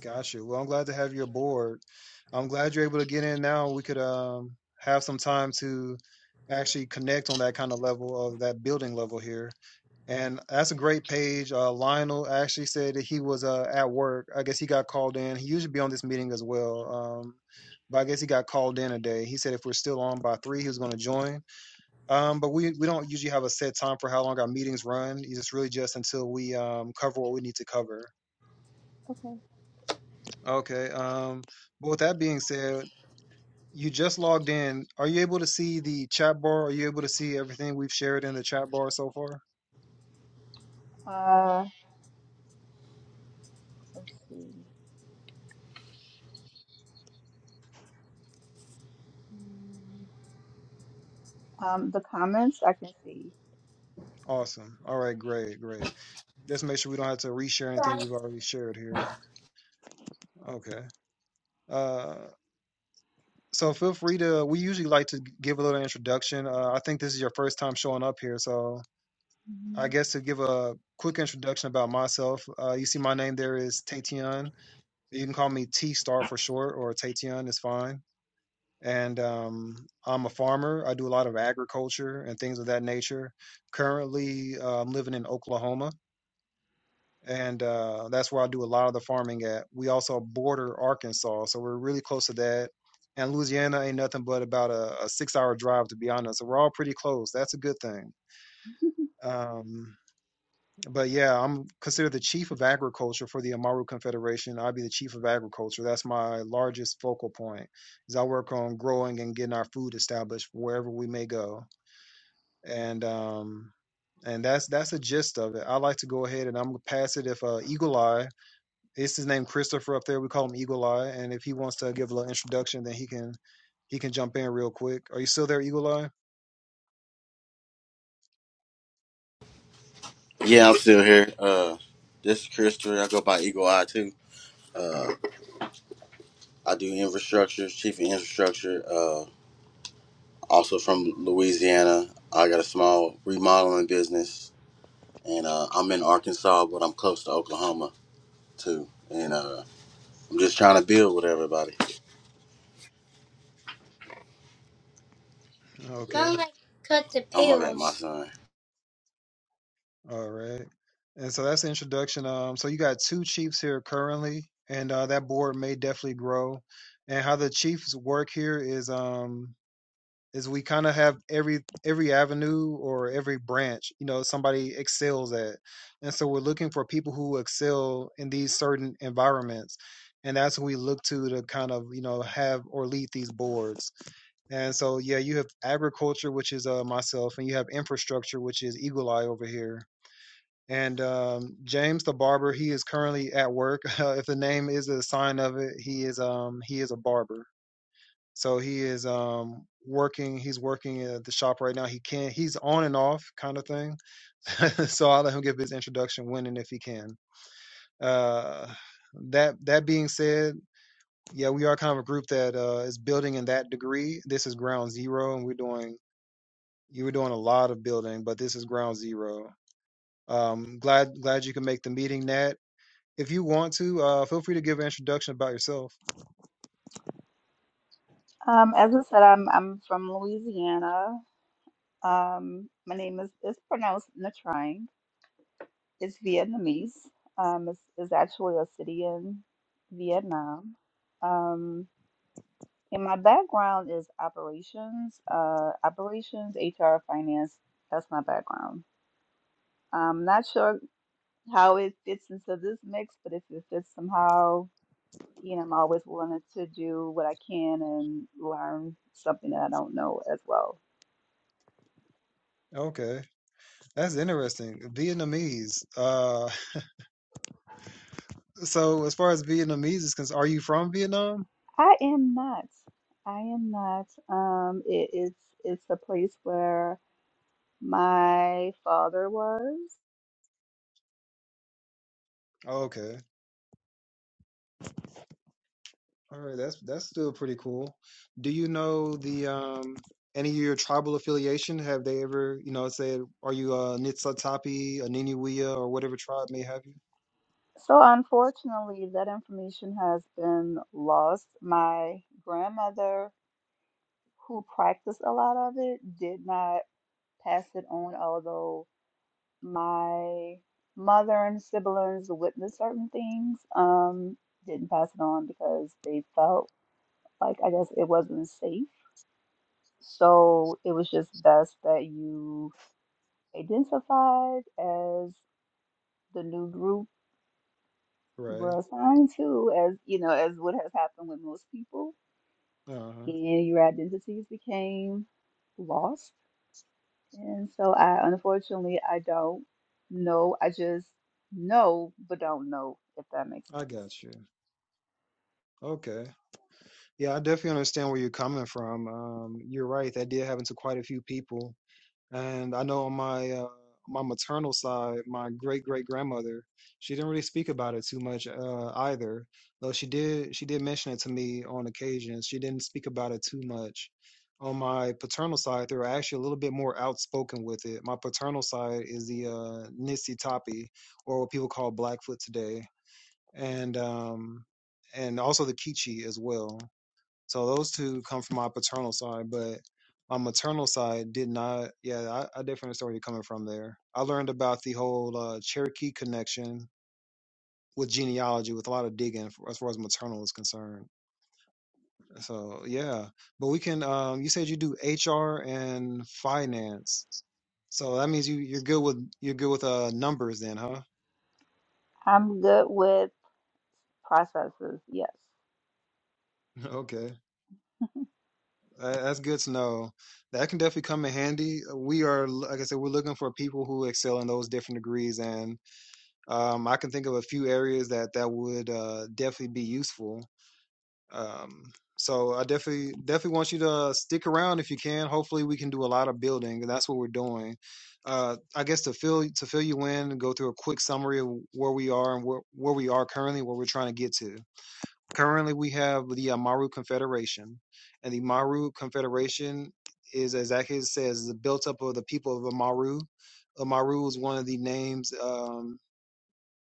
Speaker 1: Gotcha. Well, I'm glad to have you aboard. I'm glad you're able to get in now. We could um, have some time to actually connect on that kind of level of that building level here. And that's a great page. Uh, Lionel actually said that he was uh, at work. I guess he got called in. He usually be on this meeting as well. Um, but I guess he got called in today. He said if we're still on by three, he was going to join. Um, but we, we don't usually have a set time for how long our meetings run. It's really just until we um, cover what we need to cover.
Speaker 5: Okay.
Speaker 1: Okay. Um, but with that being said, you just logged in. Are you able to see the chat bar? Are you able to see everything we've shared in the chat bar so far?
Speaker 5: Uh, let's see. Mm, Um, the comments I can see.
Speaker 1: Awesome. All right, great, great. Just make sure we don't have to reshare anything we've already shared here. Okay. Uh, so feel free to, we usually like to give a little introduction. Uh, I think this is your first time showing up here, so I
Speaker 5: Mhm.
Speaker 1: guess to give a quick introduction about myself, uh, you see my name there is Tatian. You can call me T Star for short, or Tatian is fine. and um, I'm a farmer. I do a lot of agriculture and things of that nature. Currently, uh, I'm living in Oklahoma, and uh, that's where I do a lot of the farming at. We also border Arkansas, so we're really close to that. And Louisiana ain't nothing but about a, a six hour drive, to be honest. So we're all pretty close. That's a good thing. Um, but yeah, I'm considered the chief of agriculture for the Amaru Confederation. I'll be the chief of agriculture. That's my largest focal point. Is I work on growing and getting our food established wherever we may go. And um and that's that's the gist of it. I like to go ahead and I'm gonna pass it if uh Eagle Eye, it's his name Christopher up there. We call him Eagle Eye. And if he wants to give a little introduction, then he can he can jump in real quick. Are you still there, Eagle Eye?
Speaker 2: Yeah, I'm still here. Uh, this is Chris I go by Eagle Eye too. Uh, I do infrastructure, chief of infrastructure. Uh, also from Louisiana. I got a small remodeling business, and uh, I'm in Arkansas, but I'm close to Oklahoma too. And uh, I'm just trying to build with everybody.
Speaker 1: Okay.
Speaker 2: Cut the pills. Oh my bad, my son.
Speaker 1: All right. And so that's the introduction. Um, so you got two chiefs here currently, and uh, that board may definitely grow. And how the chiefs work here is um is we kind of have every every avenue or every branch, you know, somebody excels at. And so we're looking for people who excel in these certain environments. And that's who we look to to kind of, you know, have or lead these boards. And so, yeah, you have agriculture, which is uh, myself, and you have infrastructure, which is Eagle Eye over here and um, James the barber, he is currently at work. if the name is a sign of it, he is um he is a barber. So he is um working. He's working at the shop right now. He can. He's on and off kind of thing. so I'll let him give his introduction when and if he can. Uh, that that being said, yeah, we are kind of a group that uh, is building in that degree. This is ground zero, and we're doing you were doing a lot of building, but this is ground zero. Um, glad glad you can make the meeting, Nat. If you want to, uh, feel free to give an introduction about yourself.
Speaker 5: Um, as I said, I'm I'm from Louisiana. Um, my name is is pronounced Natrang. It's Vietnamese. Um, it's, it's actually a city in Vietnam. Um, And my background is operations, uh, operations, HR, finance. That's my background. I'm not sure how it fits into this mix, but if it fits somehow, you know, I'm always willing to do what I can and learn something that I don't know as well.
Speaker 1: Okay, that's interesting. Vietnamese. Uh, so as far as Vietnamese is concerned, are you from Vietnam?
Speaker 5: I am not. I am not. Um, it, it's it's a place where my father was.
Speaker 1: Okay, all right. That's that's still pretty cool. Do you know the um any of your tribal affiliation? Have they ever you know said are you a Nitsatapi, a Niniwea, or whatever tribe may have you?
Speaker 5: So unfortunately, that information has been lost. My grandmother, who practiced a lot of it, did not pass it on, although my mother and siblings witnessed certain things, um, didn't pass it on because they felt like I guess it wasn't safe. So it was just best that you identified as the new group you
Speaker 1: Right.
Speaker 5: were assigned to, as you know, as what has happened with most people
Speaker 1: Uh huh.
Speaker 5: and your identities became lost. And so I unfortunately I don't know. I just know but don't know if that makes
Speaker 1: I
Speaker 5: sense.
Speaker 1: got you. Okay. Yeah, I definitely understand where you're coming from. Um, you're right. That did happen to quite a few people And I know on my uh, my maternal side, my great great grandmother, she didn't really speak about it too much uh, either. Though she did she did mention it to me on occasions. She didn't speak about it too much. On my paternal side, they were actually a little bit more outspoken with it. My paternal side is the uh, Nisi Tapi, or what people call Blackfoot today, and um, and also the Kichi as well. So those two come from my paternal side, but my maternal side did not. Yeah, I, I definitely understand where you're coming from there. I learned about the whole uh, Cherokee connection with genealogy with a lot of digging for, as far as maternal is concerned. So yeah, but we can. Um, you said you do HR and finance, so that means you you're good with you're good with uh numbers then, huh?
Speaker 5: I'm good with processes. Yes.
Speaker 1: okay, that, that's good to know. That can definitely come in handy. We are, like I said, we're looking for people who excel in those different degrees and Um, I can think of a few areas that that would uh, definitely be useful. Um, so I definitely definitely want you to stick around if you can. Hopefully, we can do a lot of building, and that's what we're doing. Uh, I guess to fill to fill you in, and go through a quick summary of where we are and where where we are currently, what we're trying to get to. Currently, we have the uh, Maru Confederation, and the Maru Confederation is exactly as it says, is built up of the people of Amaru. Amaru is one of the names. Um,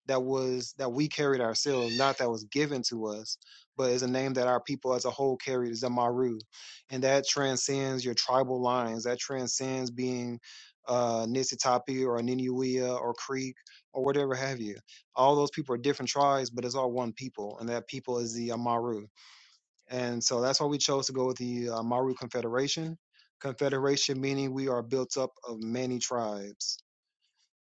Speaker 1: that was that we carried ourselves, not that was given to us, but is a name that our people as a whole carried is Amaru, and that transcends your tribal lines. That transcends being uh, Nisitapi or Ninuia or Creek or whatever have you. All those people are different tribes, but it's all one people, and that people is the Amaru. And so that's why we chose to go with the Amaru Confederation. Confederation meaning we are built up of many tribes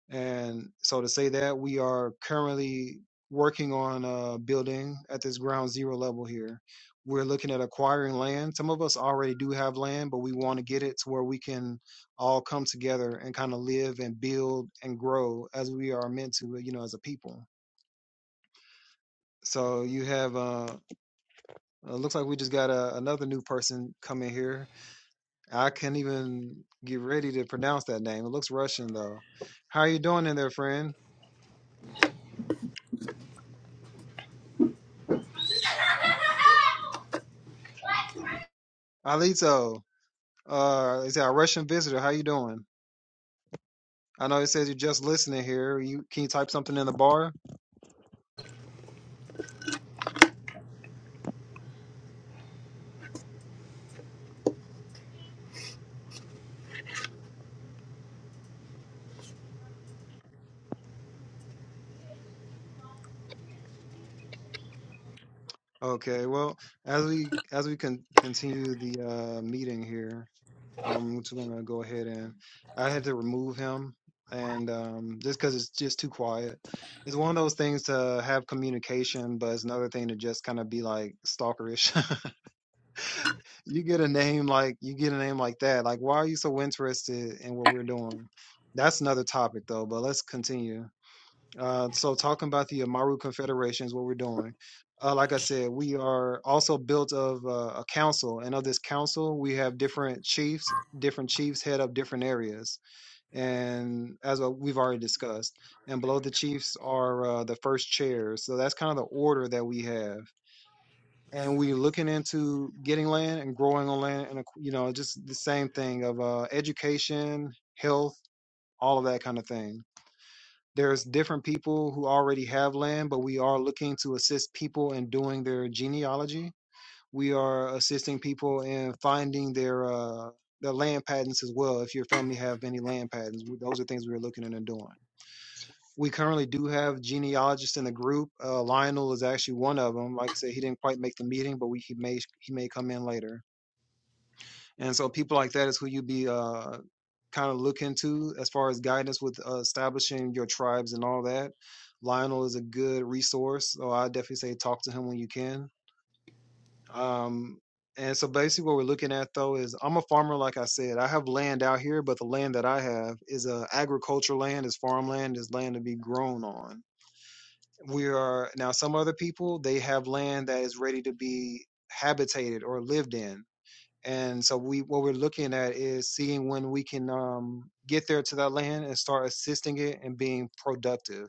Speaker 1: and so to say that we are currently working on uh, building at this ground zero level here. We're looking at acquiring land. Some of us already do have land, but we want to get it to where we can all come together and kind of live and build and grow as we are meant to, you know, as a people. So you have, uh, uh, looks like we just got a, another new person coming here. I can't even get ready to pronounce that name. It looks Russian though. How are you doing in there, friend? Alito. Uh, is our Russian visitor? How you doing? I know it says you're just listening here. You can you type something in the bar? Okay. Well, as we as we con- continue the uh, meeting here, I'm just gonna go ahead and I had to remove him, and um, just because it's just too quiet. It's one of those things to have communication, but it's another thing to just kind of be like stalkerish. you get a name like you get a name like that. Like, why are you so interested in what we're doing? That's another topic though. But let's continue. Uh, so talking about the Amaru Confederation is what we're doing. Uh, like I said, we are also built of uh, a council, and of this council, we have different chiefs. Different chiefs head up different areas, and as uh, we've already discussed, and below the chiefs are uh, the first chairs. So that's kind of the order that we have, and we're looking into getting land and growing on land, and uh, you know, just the same thing of uh, education, health, all of that kind of thing there's different people who already have land, but we are looking to assist people in doing their genealogy. We are assisting people in finding their uh, their land patents as well. If your family have any land patents, those are things we're looking into doing. We currently do have genealogists in the group. Uh, Lionel is actually one of them. Like I said, he didn't quite make the meeting, but we, he may he may come in later. And so people like that is who you be uh kind of look into as far as guidance with uh, establishing your tribes and all that. Lionel is a good resource, so I definitely say talk to him when you can. Um, and so basically, what we're looking at though is I'm a farmer, like I said. I have land out here, but the land that I have is uh, agricultural land, is farmland, is land to be grown on. We are now some other people they have land that is ready to be habitated or lived in and so we what we're looking at is seeing when we can um, get there to that land and start assisting it and being productive.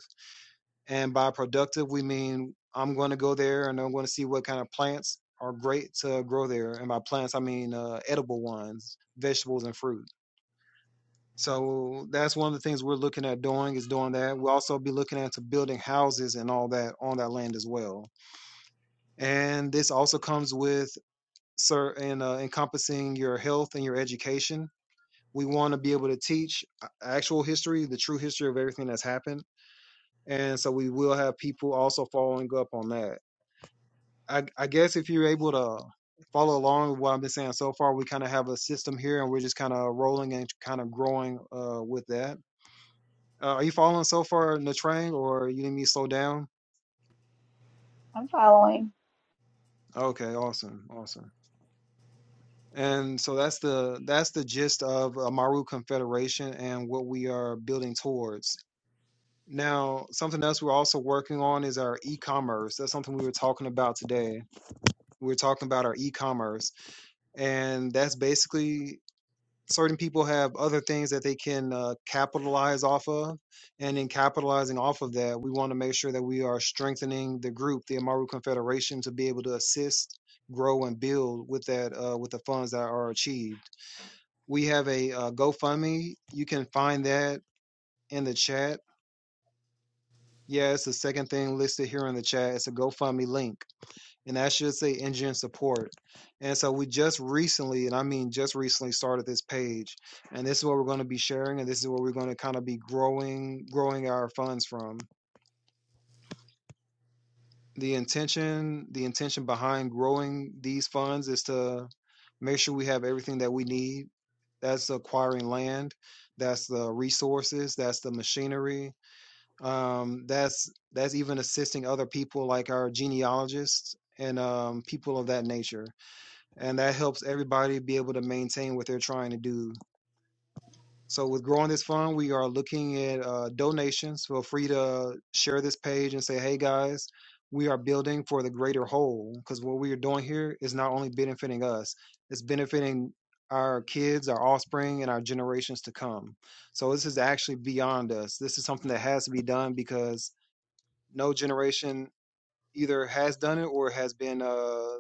Speaker 1: And by productive, we mean I'm going to go there and I'm going to see what kind of plants are great to grow there. And by plants, I mean uh, edible ones, vegetables and fruit. So that's one of the things we're looking at doing is doing that. We'll also be looking into building houses and all that on that land as well. And this also comes with sir and uh, encompassing your health and your education We want to be able to teach uh, actual history, the true history of everything that's happened. And so we will have people also following up on that. I, I guess if you're able to follow along with what I've been saying so far, we kind of have a system here and we're just kind of rolling and kind of growing uh, with that. Uh, are you following so far in the train or you need me to slow down?
Speaker 5: I'm following.
Speaker 1: Okay, awesome, awesome. And so that's the that's the gist of uh, Maru Confederation and what we are building towards. Now, something else we're also working on is our e-commerce. That's something we were talking about today. We were talking about our e-commerce, and that's basically certain people have other things that they can uh, capitalize off of, and in capitalizing off of that, we want to make sure that we are strengthening the group, the Amaru Confederation, to be able to assist, grow, and build with that uh, with the funds that are achieved. We have a uh, GoFundMe. You can find that in the chat Yeah, it's the second thing listed here in the chat. It's a GoFundMe link, and that should say engine support. And so we just recently, and I mean just recently, started this page, and this is what we're going to be sharing, and this is what we're going to kind of be growing, growing our funds from. The intention, the intention behind growing these funds is to make sure we have everything that we need. That's acquiring land, that's the resources, that's the machinery, um, that's that's even assisting other people like our genealogists and um, people of that nature and that helps everybody be able to maintain what they're trying to do so with growing this fund we are looking at uh, donations feel free to share this page and say hey guys we are building for the greater whole because what we are doing here is not only benefiting us it's benefiting our kids our offspring and our generations to come so this is actually beyond us this is something that has to be done because no generation either has done it or has been uh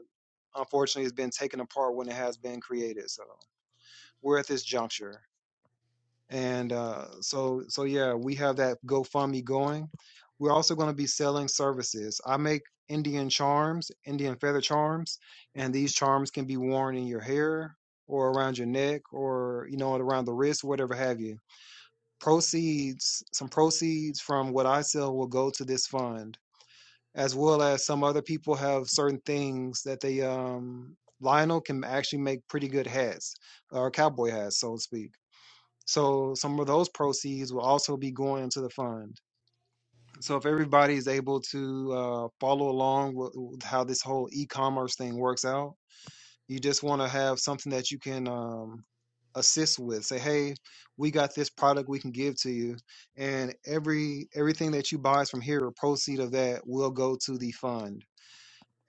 Speaker 1: unfortunately has been taken apart when it has been created so we're at this juncture and uh so so yeah we have that gofundme going we're also going to be selling services i make indian charms indian feather charms and these charms can be worn in your hair or around your neck or you know around the wrist whatever have you proceeds some proceeds from what i sell will go to this fund as well as some other people have certain things that they um Lionel can actually make pretty good hats or cowboy hats, so to speak. So some of those proceeds will also be going into the fund. So if everybody is able to uh, follow along with, with how this whole e-commerce thing works out, you just want to have something that you can um, assist with. Say, hey, we got this product we can give to you, and every everything that you buy is from here, a proceed of that will go to the fund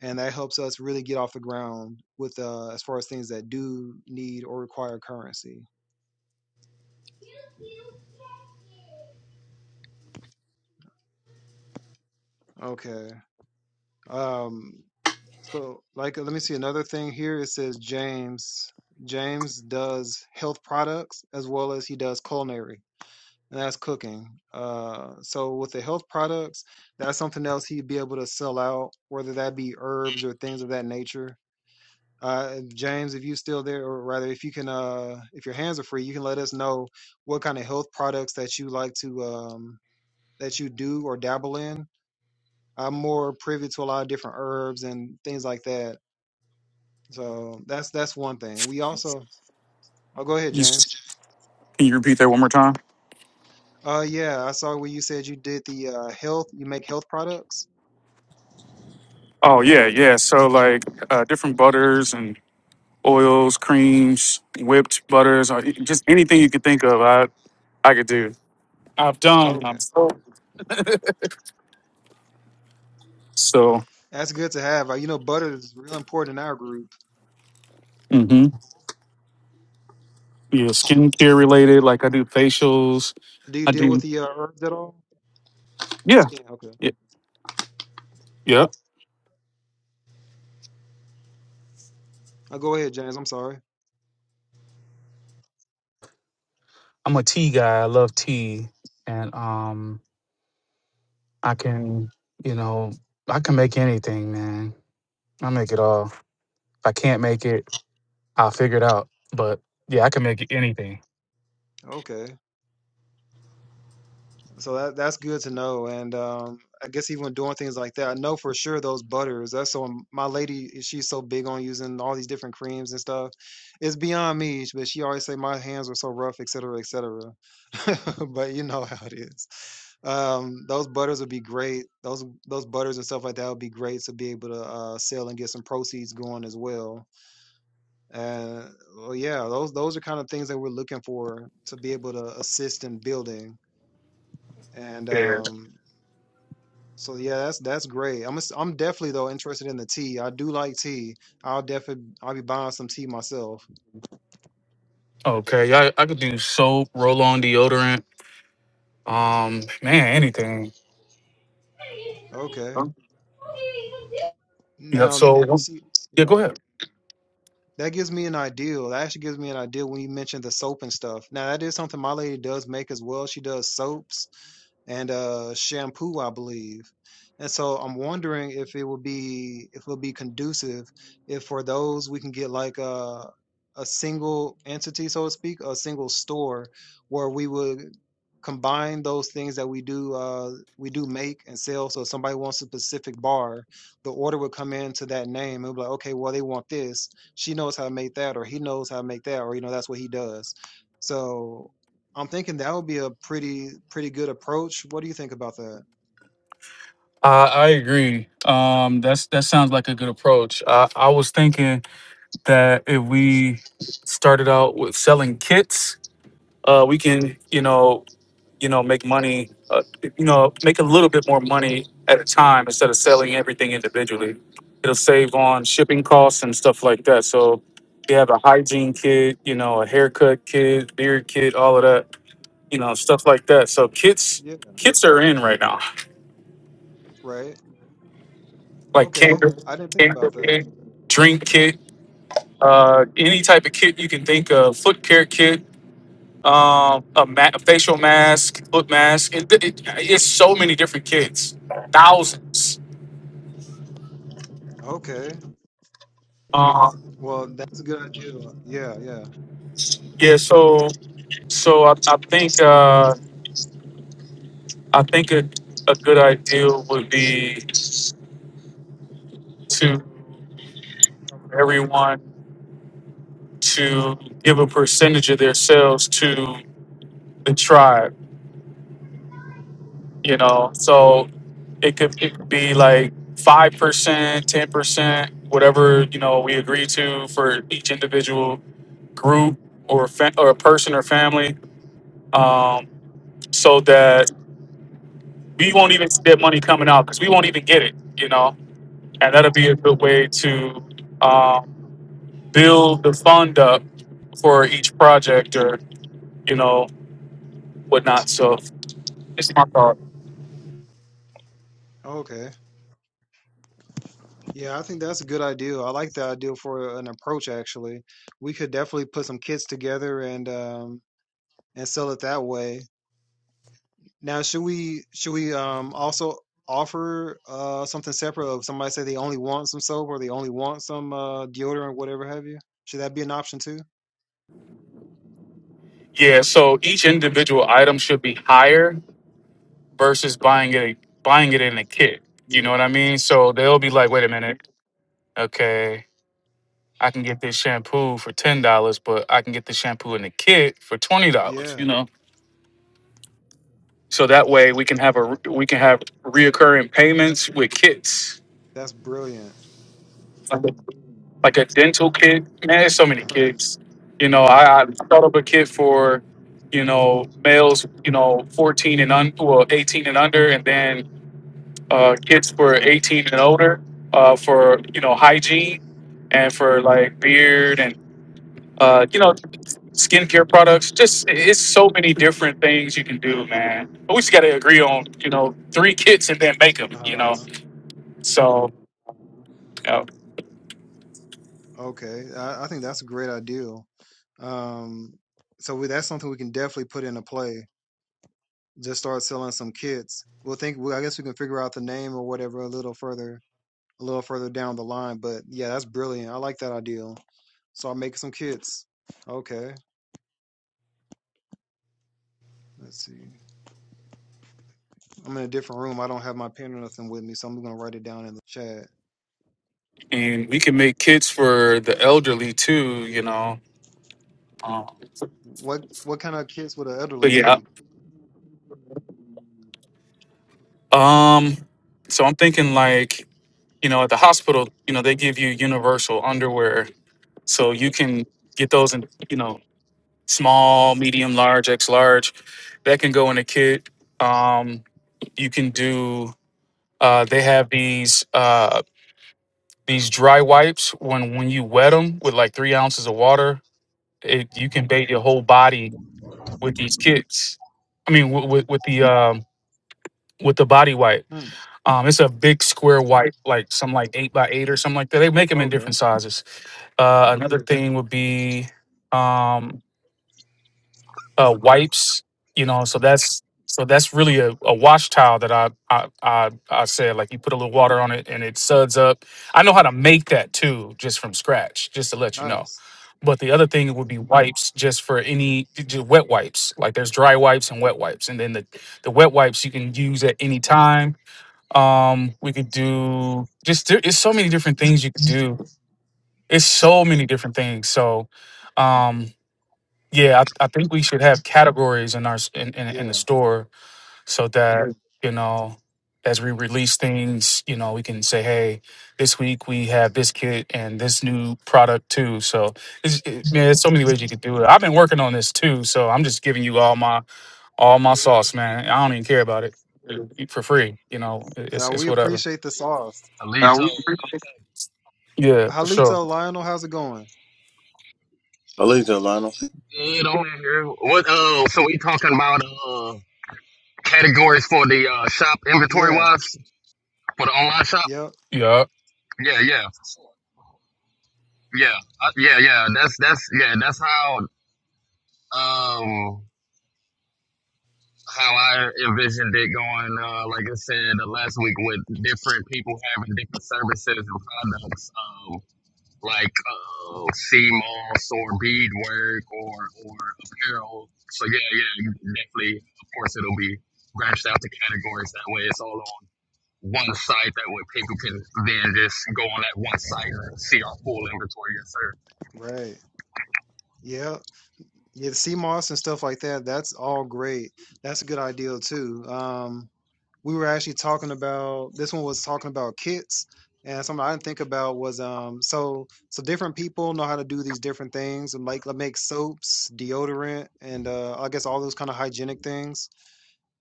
Speaker 1: and that helps us really get off the ground with uh as far as things that do need or require currency okay um so like let me see another thing here it says james james does health products as well as he does culinary and that's cooking uh so with the health products that's something else he'd be able to sell out whether that be herbs or things of that nature Uh, James, if you are still there, or rather, if you can, uh, if your hands are free, you can let us know what kind of health products that you like to, um, that you do or dabble in. I'm more privy to a lot of different herbs and things like that. So that's that's one thing. We also, oh, go ahead,
Speaker 3: You
Speaker 1: James.
Speaker 3: s- Can you repeat that one more time?
Speaker 1: Uh, yeah, I saw where you said you did the uh, health. You make health products.
Speaker 3: Oh yeah, yeah. So like uh, different butters and oils, creams, whipped butters, or e, just anything you could think of, I I could do. I've done.
Speaker 1: okay,
Speaker 3: I'm so so.
Speaker 1: that's good to have. Uh, you know, butter is real important in our group.
Speaker 3: hmm Yeah, skincare related. Like I do facials.
Speaker 1: Do you
Speaker 3: I
Speaker 1: deal with
Speaker 3: do.
Speaker 1: the uh, herbs at all?
Speaker 3: Yeah.
Speaker 1: Skin. Okay.
Speaker 3: Yeah. Yeah.
Speaker 1: Uh, go ahead, James. I'm sorry.
Speaker 3: I'm a tea guy. I love tea, and um, I can you know I can make anything, man. I make it all. If I can't make it, I'll figure it out. But yeah, I can make it anything.
Speaker 1: Okay. So that that's good to know. And um, I guess even when doing things like that, I know for sure those butters. That's so my lady, she's so big on using all these different creams and stuff. It's beyond me, but she always say my hands are so rough, et cetera, et cetera. But you know how it is. Um, those butters would be great. Those those butters and stuff like that would be great to be able to uh, sell and get some proceeds going as well. And well, yeah, those those are kind of things that we're looking for to be able to assist in building and
Speaker 3: Yeah.
Speaker 1: um, so yeah, that's that's great. I'm s- I'm definitely though interested in the tea. I do like tea. I'll definitely I'll be buying some tea myself.
Speaker 3: Okay, I I could do soap, roll on deodorant. Um, man, anything.
Speaker 1: Okay.
Speaker 3: Yep.
Speaker 1: Now
Speaker 3: So
Speaker 1: see
Speaker 3: yeah, go
Speaker 1: yeah.
Speaker 3: ahead.
Speaker 1: That gives me an idea. That actually gives me an idea when you mentioned the soap and stuff. Now that is something my lady does make as well. She does soaps. and uh, shampoo, I believe. And so I'm wondering if it will be if it will be conducive if for those we can get like a a single entity, so to speak, a single store where we would combine those things that we do uh, we do make and sell. So if somebody wants a specific bar, the order would come into that name and be like, okay, well they want this. She knows how to make that, or he knows how to make that, or you know that's what he does. So I'm thinking that would be a pretty pretty good approach. What do you think about that?
Speaker 3: I I agree. Um, that's that sounds like a good approach. I I was thinking that if we started out with selling kits, uh, we can you know you know, make money, uh, you know, make a little bit more money at a time instead of selling everything individually. It'll save on shipping costs and stuff like that. So you have a hygiene kit, you know, a haircut kit, beard kit, all of that, you know, stuff like that. So kits,
Speaker 1: Yeah,
Speaker 3: kits are in right now,
Speaker 1: right.
Speaker 3: like
Speaker 1: Okay.
Speaker 3: canker,
Speaker 1: I didn't think
Speaker 3: canker
Speaker 1: about that.
Speaker 3: kit, drink kit, uh, any type of kit you can think of, foot care kit, um, a, ma- a facial mask, foot mask. It, it, it's so many different kids, thousands.
Speaker 1: Okay.
Speaker 3: Uh,
Speaker 1: Well, that's a good idea. Yeah, yeah.
Speaker 3: yeah, so so I, I think uh, I think a, a good idea would be to everyone to give a percentage of their sales to the tribe. You know, so it could it could be like five percent, ten percent, whatever you know we agree to for each individual group or a, fa- or a person or family, um, so that we won't even see that money coming out because we won't even get it, you know. And that'll be a good way to um, build the fund up for each project or you know whatnot. So it's my thought.
Speaker 1: Okay. Yeah, I think that's a good idea. I like the idea for an approach actually. We could definitely put some kits together and um and sell it that way. Now, should we should we um also offer uh something separate of somebody say they only want some soap or they only want some uh deodorant whatever have you? Should that be an option too?
Speaker 3: Yeah. So each individual item should be higher versus buying it buying it in a kit. You
Speaker 1: Yeah.
Speaker 3: know what I mean? So they'll be like, wait a minute, okay. I can get this shampoo for ten dollars, but I can get the shampoo in the kit for twenty dollars.
Speaker 1: Yeah.
Speaker 3: You know, so that way we can have a we can have reoccurring payments with kits,
Speaker 1: That's brilliant,
Speaker 3: like a, like a dental kit. Man, there's so many
Speaker 1: right?
Speaker 3: kits. You know, I, I thought of a kit for you know males, you know, fourteen and un well, eighteen and under, and then uh, kits for eighteen and older uh, for you know hygiene and for like beard and. Uh, you know skincare products. Just it's so many different things you can do, man. But we just got to agree on, you know, three kits and then make them, you
Speaker 1: Uh
Speaker 3: know.
Speaker 1: huh.
Speaker 3: So, uh,
Speaker 1: Okay, I, I think that's a great ideal. Um, so we, that's something we can definitely put into play. Just start selling some kits. We'll think. Well, I guess we can figure out the name or whatever a little further, a little further down the line. But yeah, that's brilliant. I like that ideal. So I'm making some kits. Okay, let's see. I'm in a different room. I don't have my pen or nothing with me, so I'm gonna write it down in the chat.
Speaker 3: And we can make kits for the elderly too, you know. Um,
Speaker 1: What what kind of kits would an elderly
Speaker 3: but yeah,
Speaker 1: need?
Speaker 3: um, so I'm thinking like, you know, at the hospital, you know, they give you universal underwear, so you can get those in, you know, small, medium, large, X large. That can go in a kit. Um, you can do. Uh, they have these uh, these dry wipes. When when you wet them with like three ounces of water, it, you can bathe your whole body with these kits. I mean, with with, with the um, with the body wipe.
Speaker 1: Hmm.
Speaker 3: Um, it's a big square wipe, like something like eight by eight or something like that. They make them in
Speaker 1: Okay,
Speaker 3: different sizes. Uh, another thing would be um, uh, wipes. You know, so that's so that's really a, a wash towel that I, I I I said like you put a little water on it and it suds up. I know how to make that too, just from scratch, just to let you know.
Speaker 1: nice.
Speaker 3: But the other thing would be wipes, just for any just wet wipes. Like there's dry wipes and wet wipes, and then the the wet wipes you can use at any time. Um, we could do just there, it's so many different things you could do. It's so many different things. So, um, yeah, I, I think we should have categories in our in, in, in the
Speaker 1: Yeah,
Speaker 3: store so that Mhm. you know, as we release things, you know, we can say, "Hey, this week we have this kit and this new product too." So, it's, it, man, there's so many ways you could do it. I've been working on this too, so I'm just giving you all my all my
Speaker 1: yeah.
Speaker 3: sauce, man. I don't even care about it uh, for free. You know, it's
Speaker 1: Uh,
Speaker 3: it's
Speaker 1: we
Speaker 3: whatever.
Speaker 1: appreciate the sauce.
Speaker 6: Alito,
Speaker 3: Now we-
Speaker 6: Alito,
Speaker 3: Yeah, for sure.
Speaker 1: Halito, Lionel, how's it going?
Speaker 2: Alicia, Lionel.
Speaker 6: good on here. What? Uh, so we talking about uh categories for the uh shop inventory
Speaker 1: Yeah,
Speaker 6: wise for the online shop?
Speaker 1: yep,
Speaker 3: Yeah.
Speaker 6: Yeah, yeah, yeah, uh, yeah, yeah. That's that's yeah. That's how um how I envisioned it going. Uh, like I said uh, last week, with different people having different services and products. Um, like uh, sea moss or beadwork or or apparel. So yeah, yeah, you definitely. Of course, it'll be branched out to categories that way. It's all on one site. That way, people can then just go on that one site and see our full inventory. Yes, sir.
Speaker 1: right. Yep. Yeah, the sea moss and stuff like that, that's all great. That's a good idea too. Um, we were actually talking about this one was talking about kits and something I didn't think about was um so so different people know how to do these different things and like like make soaps, deodorant, and uh I guess all those kind of hygienic things,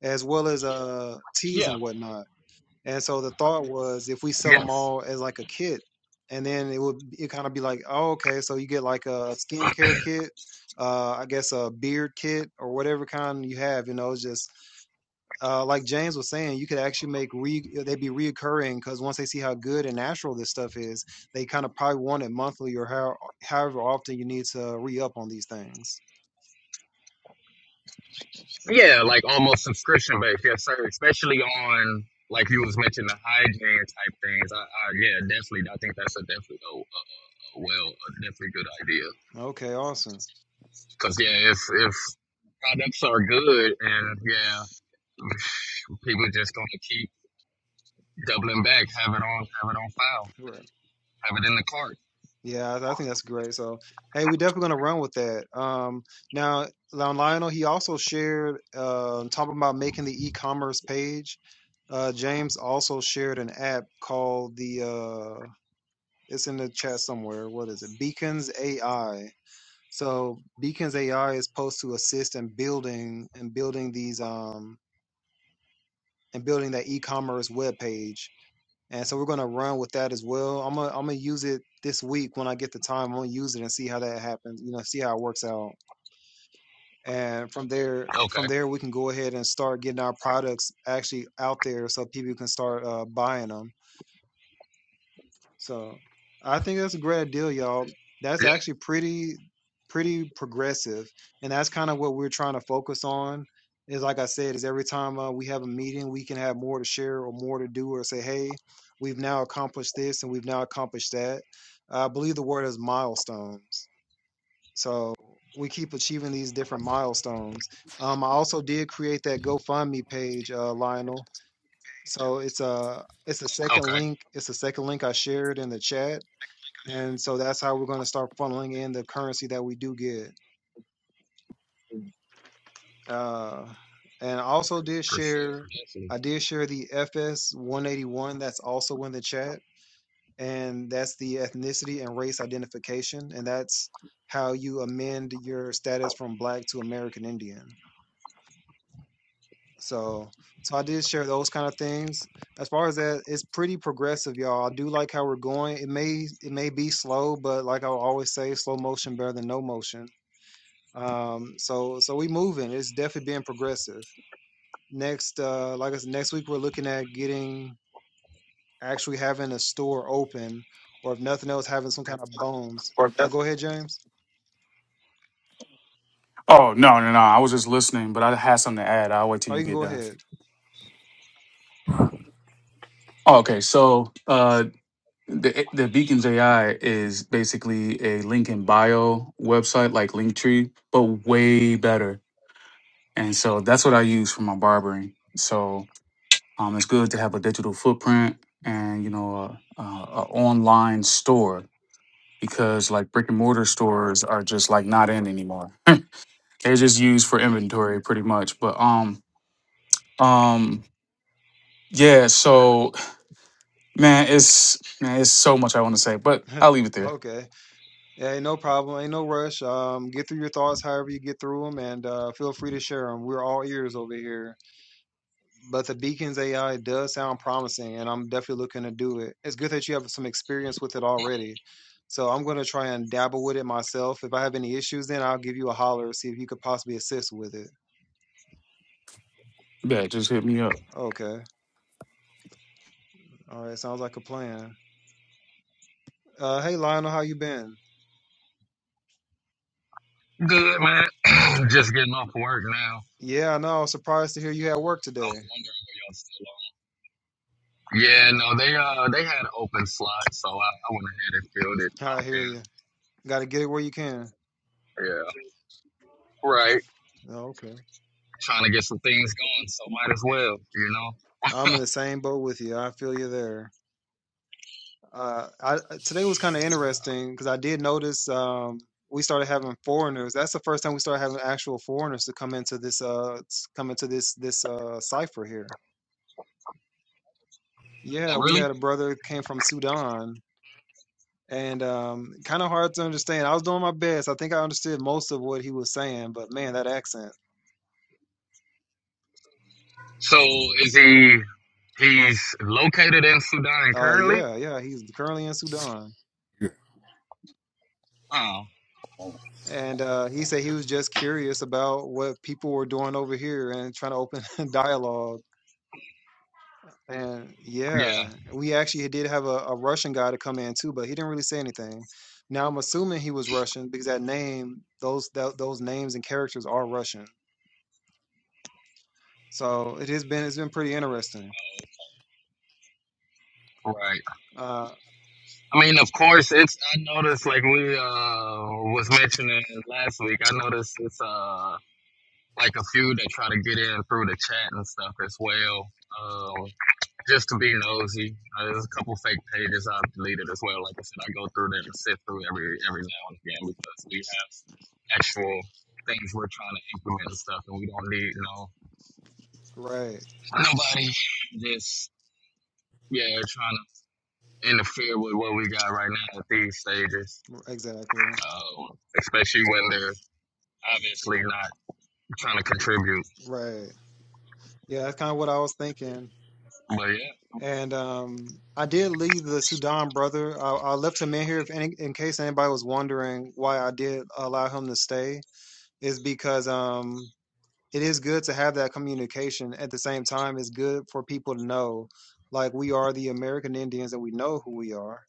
Speaker 1: as well as uh teas
Speaker 6: Yeah.
Speaker 1: and whatnot. And so the thought was if we sell them
Speaker 6: Yes.
Speaker 1: all as like a kit, and then it would it kind of be like, oh, okay, so you get like a skincare kit, uh, I guess a beard kit or whatever kind you have, you know, it's just uh, like James was saying, you could actually make re they'd be reoccurring because once they see how good and natural this stuff is, they kind of probably want it monthly or how however often you need to re up on these things.
Speaker 6: Yeah, like almost subscription based. Yes, sir. Especially on like you was mentioning the hygiene type things. I, I yeah, definitely. I think that's a definitely a, a, a well, a definitely good idea.
Speaker 1: Okay, awesome.
Speaker 6: Cause yeah, if if products are good, and yeah, people just gonna keep doubling back, have it on, have it on file,
Speaker 1: Right.
Speaker 6: have it in the cart.
Speaker 1: Yeah, I I think that's great. So, hey, we're definitely gonna run with that. Um, now, now Lionel, he also shared uh, talking about making the e-commerce page. Uh, James also shared an app called the. Uh, it's in the chat somewhere. What is it? Beacons AI. So Beacons AI is supposed to assist in building and building these um and building that e-commerce web page and so we're gonna run with that as well. I'm gonna I'm gonna use it this week when I get the time. I'm gonna use it and see how that happens. You know, see how it works out. And from there, from
Speaker 6: Okay.
Speaker 1: there we can go ahead and start getting our products actually out there so people can start uh, buying them so I think that's a great deal, y'all. That's
Speaker 6: Yeah.
Speaker 1: actually pretty pretty progressive, and that's kind of what we're trying to focus on. Is like I said, is every time uh, we have a meeting, we can have more to share or more to do, or say, hey, we've now accomplished this and we've now accomplished that. I believe the word is milestones. So we keep achieving these different milestones. Um, I also did create that GoFundMe page, uh, Lionel. So it's a it's a second
Speaker 6: Okay.
Speaker 1: link. It's a second link I shared in the chat and so that's how we're going to start funneling in the currency that we do get uh and I also did
Speaker 6: For sure.
Speaker 1: share
Speaker 6: Definitely.
Speaker 1: i did share the fs 181 that's also in the chat and that's the ethnicity and race identification and that's how you amend your status from black to american indian so so i did share those kind of things as far as that it's pretty progressive y'all i do like how we're going it may it may be slow but like i always say slow motion better than no motion Um, so so we moving. It's definitely being progressive. Next, uh, like I said, next week we're looking at getting actually having a store open, or if nothing else, having some kind of bones.
Speaker 3: Or
Speaker 1: Oh,
Speaker 3: that's-
Speaker 1: go ahead, James.
Speaker 3: Oh no, no, no! I was just listening, but I had something to add. I'll wait till
Speaker 1: Oh, you
Speaker 3: you
Speaker 1: can
Speaker 3: get
Speaker 1: go
Speaker 3: done.
Speaker 1: ahead.
Speaker 3: Oh, okay, so uh, the the Beacons AI is basically a link in bio website like Linktree, but way better. And so that's what I use for my barbering. So um, it's good to have a digital footprint and you know a, a, a online store because like brick and mortar stores are just like not in anymore. They're just used for
Speaker 6: Yeah.
Speaker 3: inventory pretty much. But um um yeah, so man, it's man, it's so much I want to say, but I'll leave it there.
Speaker 1: okay, yeah, ain't no problem. Ain't no rush. Um, get through your thoughts however you get through them, and uh, feel free to share them. We're all ears over here But the Beacons AI does sound promising, and I'm definitely looking to do it. It's good that you have some experience with it already. So I'm going to try and dabble with it myself. If I have any issues, then I'll give you a holler, see if you could possibly assist with it.
Speaker 3: Yeah, just hit me up.
Speaker 1: Okay. All right. Sounds like a plan. Uh, hey, Lionel, how you been?
Speaker 6: Good man. just getting off work now.
Speaker 1: Yeah, I know. I was surprised to hear you had work
Speaker 6: I
Speaker 1: today.
Speaker 6: was wondering where y'all still on. Yeah, no, they uh they had open slots, so I, I went ahead and filled it,
Speaker 1: I
Speaker 6: popped
Speaker 1: hear you. Got to get it where you can.
Speaker 6: in. Yeah. Right.
Speaker 1: Oh, Okay.
Speaker 6: Trying to get some things going, so might as well, you know.
Speaker 1: I'm in the same boat with you. I feel you there. Uh, I uh, today was kind of interesting because I did notice um, we started having foreigners. That's the first time we started having actual foreigners to come into this uh s- come into this this uh cipher here. Yeah,
Speaker 6: Oh
Speaker 1: we
Speaker 6: really?
Speaker 1: had a brother that came from Sudan and um kind of hard to understand. I was doing my best. I think I understood most of what he was saying, but man, that accent.
Speaker 6: So is he? He's located in Sudan
Speaker 1: Uh
Speaker 6: currently.
Speaker 1: yeah, yeah, he's currently in Sudan.
Speaker 6: Oh,
Speaker 1: And uh, he said he was just curious about what people were doing over here and trying to open dialogue And
Speaker 6: yeah,
Speaker 1: yeah, we actually did have a, a Russian guy to come in too, but he didn't really say anything. Now I'm assuming he was Russian because that name, those tho- those names and characters are Russian. So it has been it's been pretty interesting.
Speaker 6: right.
Speaker 1: Uh,
Speaker 6: I mean, of course, it's. I noticed, like we uh was mentioning last week. I noticed it's uh like a few that try to get in through the chat and stuff as well. Um, just to be nosy, uh, there's a couple fake pages I've deleted as well. Like I said, I go through them and sift through every every now and again because we have actual things we're trying to implement and stuff, and we don't need no
Speaker 1: right,
Speaker 6: Nobody just yeah trying to interfere with what we got right now at these stages,
Speaker 1: exactly,
Speaker 6: um, especially when they're obviously not trying to contribute.
Speaker 1: right. Yeah, that's kind of what I was thinking.
Speaker 6: But yeah,
Speaker 1: And um, I did leave the Sudan brother. I, I left him in here if any, in case anybody was wondering why I did allow him to stay. Is because um. it is good to have that communication. At the same time, it's good for people to know, like we are the American Indians and we know who we are.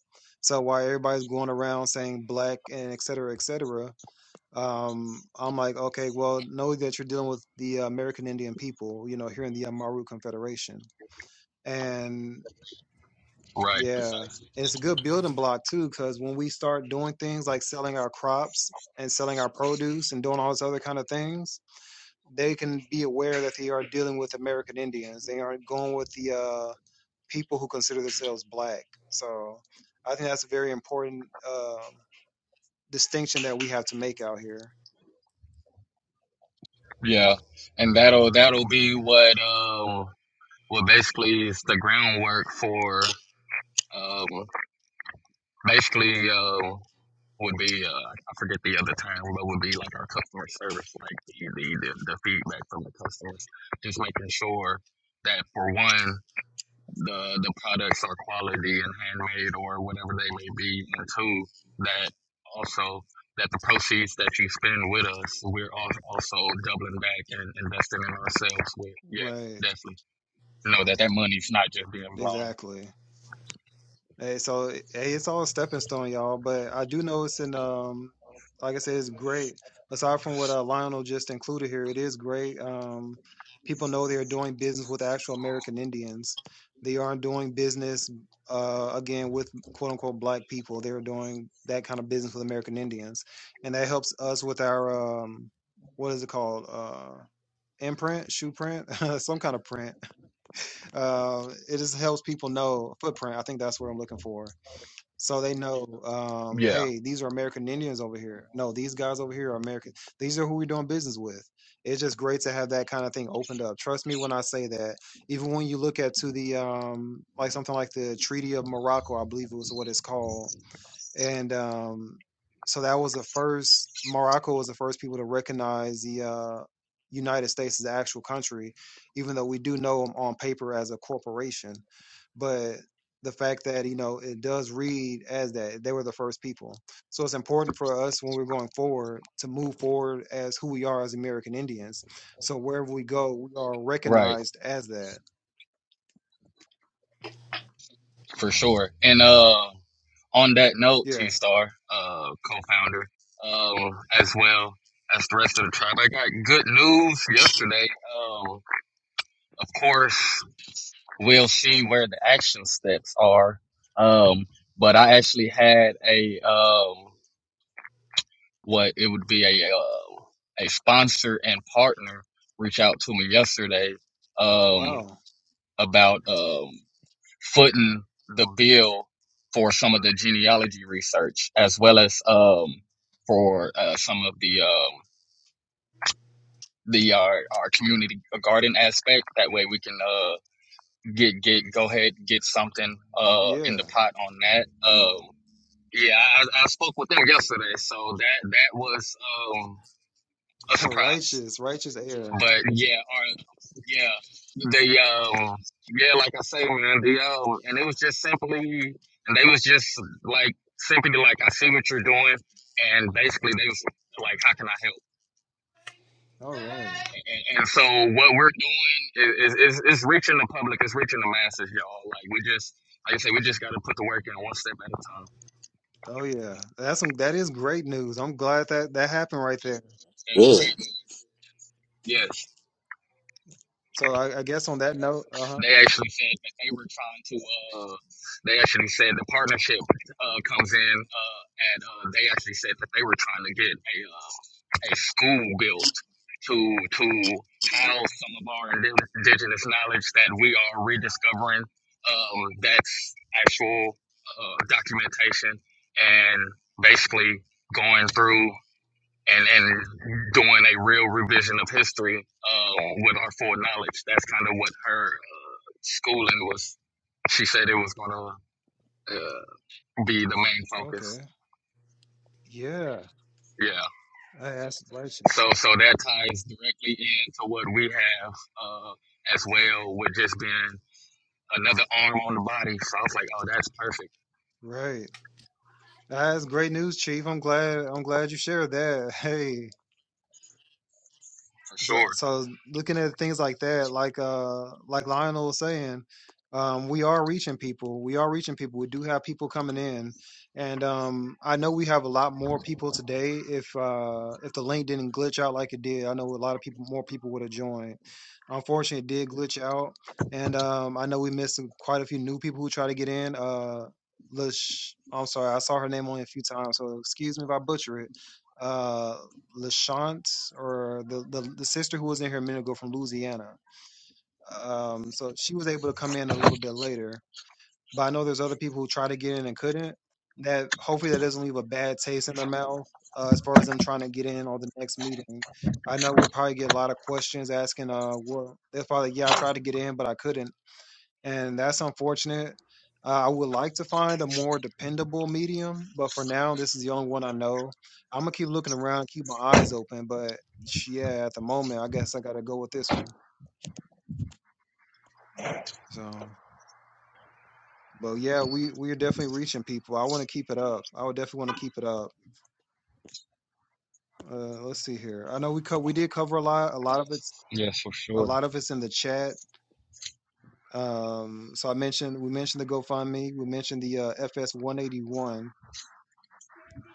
Speaker 1: So while everybody's going around saying black and et cetera, et cetera, um, I'm like, okay, well, know that you're dealing with the uh, American Indian people, you know, here in the Amaru Confederation. And
Speaker 6: right,
Speaker 1: yeah,
Speaker 6: precisely.
Speaker 1: it's a good building block too, because when we start doing things like selling our crops and selling our produce and doing all this other kind of things, they can be aware that they are dealing with American Indians. They aren't going with the uh, people who consider themselves black. So I think that's a very important um distinction that we have to make out here.
Speaker 6: Yeah, and that'll that'll be what um what basically is the groundwork for um basically um would be uh I forget the other term, but would be like our customer service, like the the, the, the feedback from the customers, just making sure that for one. the the products are quality and handmade or whatever they may be and two that also that the proceeds that you spend with us we're also doubling back and investing in ourselves with yeah
Speaker 1: Right.
Speaker 6: definitely You know that that money's not just being blown
Speaker 1: Exactly. Hey, so hey, it's all a stepping stone, y'all. But I do know it's in um, like I said, it's great. Aside from what uh, Lionel just included here, it is great. Um, people know they're doing business with actual American Indians. They aren't doing business uh, again with quote unquote black people. They're doing that kind of business with American Indians, and that helps us with our um, what is it called? Uh, imprint, shoe print, some kind of print. Uh, it just helps people know footprint. I think that's what I'm looking for so they know, um,
Speaker 6: yeah
Speaker 1: hey, these are American Indians over here. No, these guys over here are American. These are who we're doing business with. It's just great to have that kind of thing opened up. Trust me when I say that. Even when you look at to the um, like something like the Treaty of Morocco, I believe it was what it's called and um, so that was the first Morocco was the first people to recognize the uh, United States as an actual country, even though we do know them on paper as a corporation. But the fact that you know it does read as that they were the first people, so it's important for us when we're going forward to move forward as who we are as American Indians. So wherever we go, we are
Speaker 6: right
Speaker 1: recognized as that.
Speaker 6: for sure and uh on that note
Speaker 1: Yeah.
Speaker 6: t-star uh co-founder um as well as the rest of the tribe i got good news yesterday um of course we'll see where the action steps are. Um, but I actually had a um, what it would be a uh, a sponsor and partner reach out to me yesterday um,
Speaker 1: Wow.
Speaker 6: about um, footing the bill for some of the genealogy research as well as um, for uh, some of the um, the our, our community garden aspect. That way we can uh, get get go ahead and get something uh in
Speaker 1: Yeah.
Speaker 6: the pot on that. Um yeah, I, I spoke with them yesterday, so that that was um a surprise.
Speaker 1: righteous. Righteous air.
Speaker 6: But yeah, or yeah, they um yeah, like I say, man, the um and it was just simply and they was just like simply like I see what you're doing and basically they was like how can I help?
Speaker 1: All right.
Speaker 6: And, and so what we're doing is, is, is reaching the public, it's reaching the masses, y'all. Like we just, like I said, we just got to put the work in one step at a time.
Speaker 1: Oh yeah, that's some that is great news. I'm glad that that happened right there.
Speaker 6: That's
Speaker 2: Good.
Speaker 6: great news. Yes.
Speaker 1: So I, I guess on that note, uh huh.
Speaker 6: They actually said that they were trying to. Uh, they actually said the partnership uh, comes in, uh, and uh, they actually said that they were trying to get a uh, a school built to to house some of our indi- indigenous knowledge that we are rediscovering. Um, that's actual uh, documentation and basically going through and, and doing a real revision of history uh, with our full knowledge. That's kind of what her schooling was she said it was gonna uh, be the main focus.
Speaker 1: Okay. Yeah,
Speaker 6: Yeah.
Speaker 1: I asked righteous.
Speaker 6: So so that ties directly into what we have uh, as well with just being another arm on the body. So I was like, oh, that's perfect
Speaker 1: Right. That's great news, Chief. I'm glad. I'm glad you shared that. Hey,
Speaker 6: for
Speaker 1: So,
Speaker 6: sure.
Speaker 1: so looking at things like that, like uh, like Lionel was saying, um, we are reaching people. We are reaching people. We do have people coming in, and um, I know we have a lot more people today. If uh, if the link didn't glitch out like it did, I know a lot of people, more people would have joined. Unfortunately, it did glitch out, and um, I know we missed some- quite a few new people who try to get in. Uh, Lish, I'm sorry, I saw her name only a few times, so excuse me if I butcher it. Uh, Lashant or the, the the sister who was in here a minute ago from Louisiana. Um, so she was able to come in a little bit later. But I know there's other people who tried to get in and couldn't. That hopefully that doesn't leave a bad taste in their mouth uh, as far as them trying to get in on the next meeting. I know we'll probably get a lot of questions asking, uh, what they'll probably yeah I tried to get in but I couldn't and that's unfortunate. Uh, I would like to find a more dependable medium, but for now, this is the only one I know. I'm gonna keep looking around, keep my eyes open, but sh- yeah, at the moment, I guess I gotta go with this one. So, but yeah, we we are definitely reaching people. I want to keep it up. I would definitely want to keep it up. Uh, let's see here. I know we co- we did cover a lot. A lot of it's
Speaker 6: Yeah, for
Speaker 1: a
Speaker 6: sure.
Speaker 1: lot of it's in the chat. Um, so I mentioned we mentioned the GoFundMe. We mentioned the uh, FS 181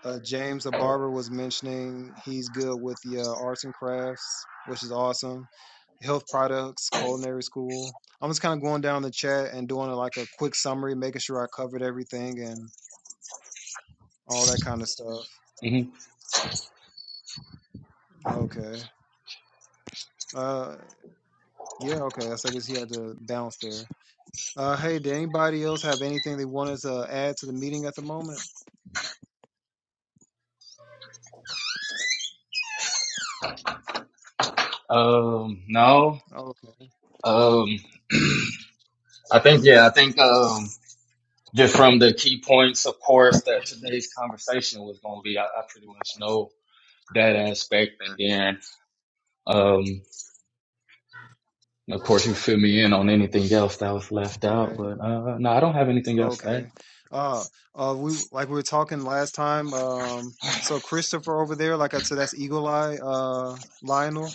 Speaker 1: uh, James a barber was mentioning he's good with the uh, arts and crafts, which is awesome. Health products, culinary school. I'm just kind of going down the chat and doing a, like a quick summary, making sure I covered everything and all that kind of stuff.
Speaker 6: hmm
Speaker 1: Okay. Uh, yeah. Okay. That's I guess he had to bounce there. Uh, hey, did anybody else have anything they wanted to add to the meeting at the moment?
Speaker 6: Um, no.
Speaker 1: Okay.
Speaker 6: Um, I think yeah, I think um, just from the key points, of course, that today's conversation was gonna be, I, I pretty much know that aspect, and then um, And of course, you fill me in on anything else that was left out.
Speaker 1: Right.
Speaker 6: But uh, no, I don't have anything else to add.
Speaker 1: Okay. Uh, uh, we like we were talking last time. Um, so Christopher over there, like I said, that's Eagle Eye, uh, Lionel,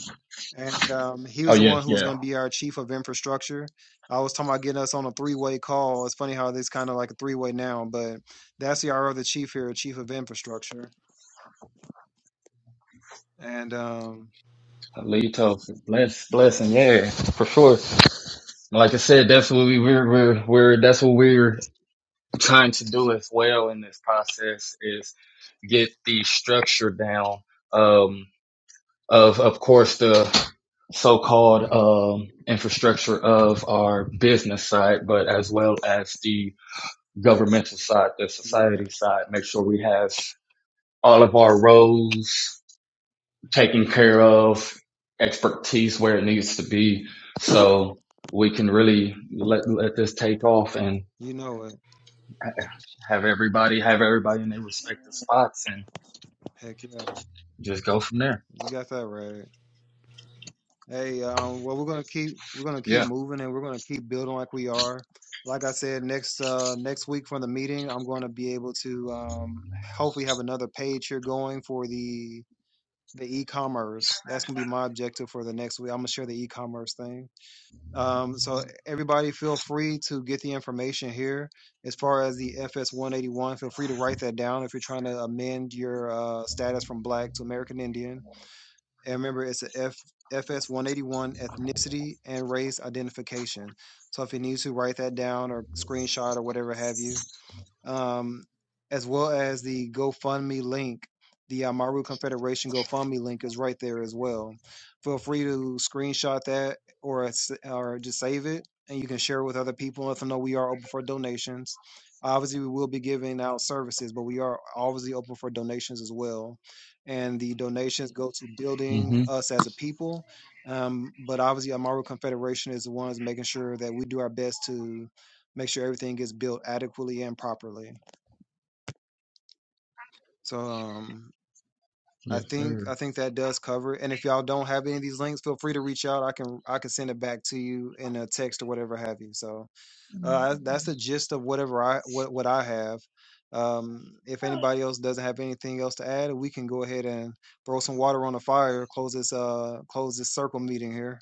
Speaker 1: and um, he
Speaker 6: Oh
Speaker 1: was the
Speaker 6: yeah,
Speaker 1: one who was
Speaker 6: yeah.
Speaker 1: going to be our chief of infrastructure. I was talking about getting us on a three-way call. It's funny how this kind of like a three-way now, but that's the our other chief here, chief of infrastructure, and um,
Speaker 6: Lead bless, blessing, yeah, for sure. Like I said, that's what we we're, we're we're that's what we're trying to do as well in this process is get the structure down. Um, of of course the so-called um, infrastructure of our business side, but as well as the governmental side, the
Speaker 1: yeah,
Speaker 6: society side. Make sure we have all of our roles taken care of, expertise where it needs to be, so we can really let let this take off and
Speaker 1: you know it.
Speaker 6: have everybody have everybody in their respective spots and
Speaker 1: Heck yeah,
Speaker 6: just go from there.
Speaker 1: you got that right. Hey, um, well, we're gonna keep we're gonna keep
Speaker 6: Yeah.
Speaker 1: moving and we're gonna keep building like we are. Like I said, next uh, next week from the meeting, I'm going to be able to um, hopefully have another page here going for the the e-commerce. That's gonna be my objective for the next week. I'm gonna share the e-commerce thing. Um, so everybody, feel free to get the information here. As far as the FS 181, feel free to write that down if you're trying to amend your uh, status from Black to American Indian and remember, it's a F, FS 181 ethnicity and race identification. So if you need to write that down or screenshot or whatever have you, um, as well as the GoFundMe link. The uh, Maru Confederation GoFundMe link is right there as well. Feel free to screenshot that or s- or just save it, and you can share it with other people. Let them know we are open for donations. Obviously, we will be giving out services, but we are obviously open for donations as well. And the donations go to building
Speaker 6: hmm
Speaker 1: us as a people. Um, but obviously, Amaru Confederation is the ones making sure that we do our best to make sure everything is built adequately and properly. So um I
Speaker 6: Yes,
Speaker 1: think
Speaker 6: sir.
Speaker 1: I think that does cover it. And if y'all don't have any of these links, feel free to reach out. I can I can send it back to you in a text or whatever have you. So uh, that's the gist of whatever I what what I have. Um, if anybody else doesn't have anything else to add, we can go ahead and throw some water on the fire. Close this uh close this circle meeting here.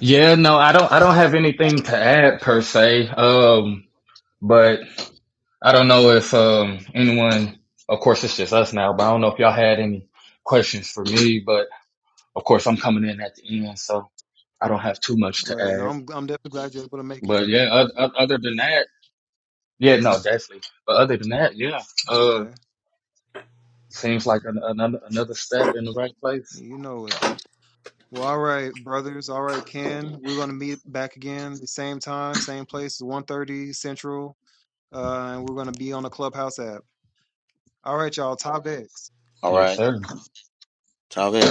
Speaker 6: Yeah. No, I don't. I don't have anything to add per se. Um, but I don't know if um anyone. Of course, it's just us now. But I don't know if y'all had any questions for me. But of course, I'm coming in at the end, so. I don't have too much to
Speaker 1: Right, and
Speaker 6: add.
Speaker 1: I'm I'm definitely glad you're able to make it
Speaker 6: But yeah,
Speaker 1: though.
Speaker 6: oth- other than that, yeah, no, definitely. But other than that, yeah, uh,
Speaker 1: Okay,
Speaker 6: seems like an, another another step in the right place.
Speaker 1: you know it. Well, all right, brothers. All right, Ken. We're gonna meet back again, the same time, same place, one thirty Central. Uh, and we're gonna be on the Clubhouse app. All right, y'all. Top X.
Speaker 2: All
Speaker 6: Yes,
Speaker 2: right,
Speaker 6: sir.
Speaker 2: Talvez.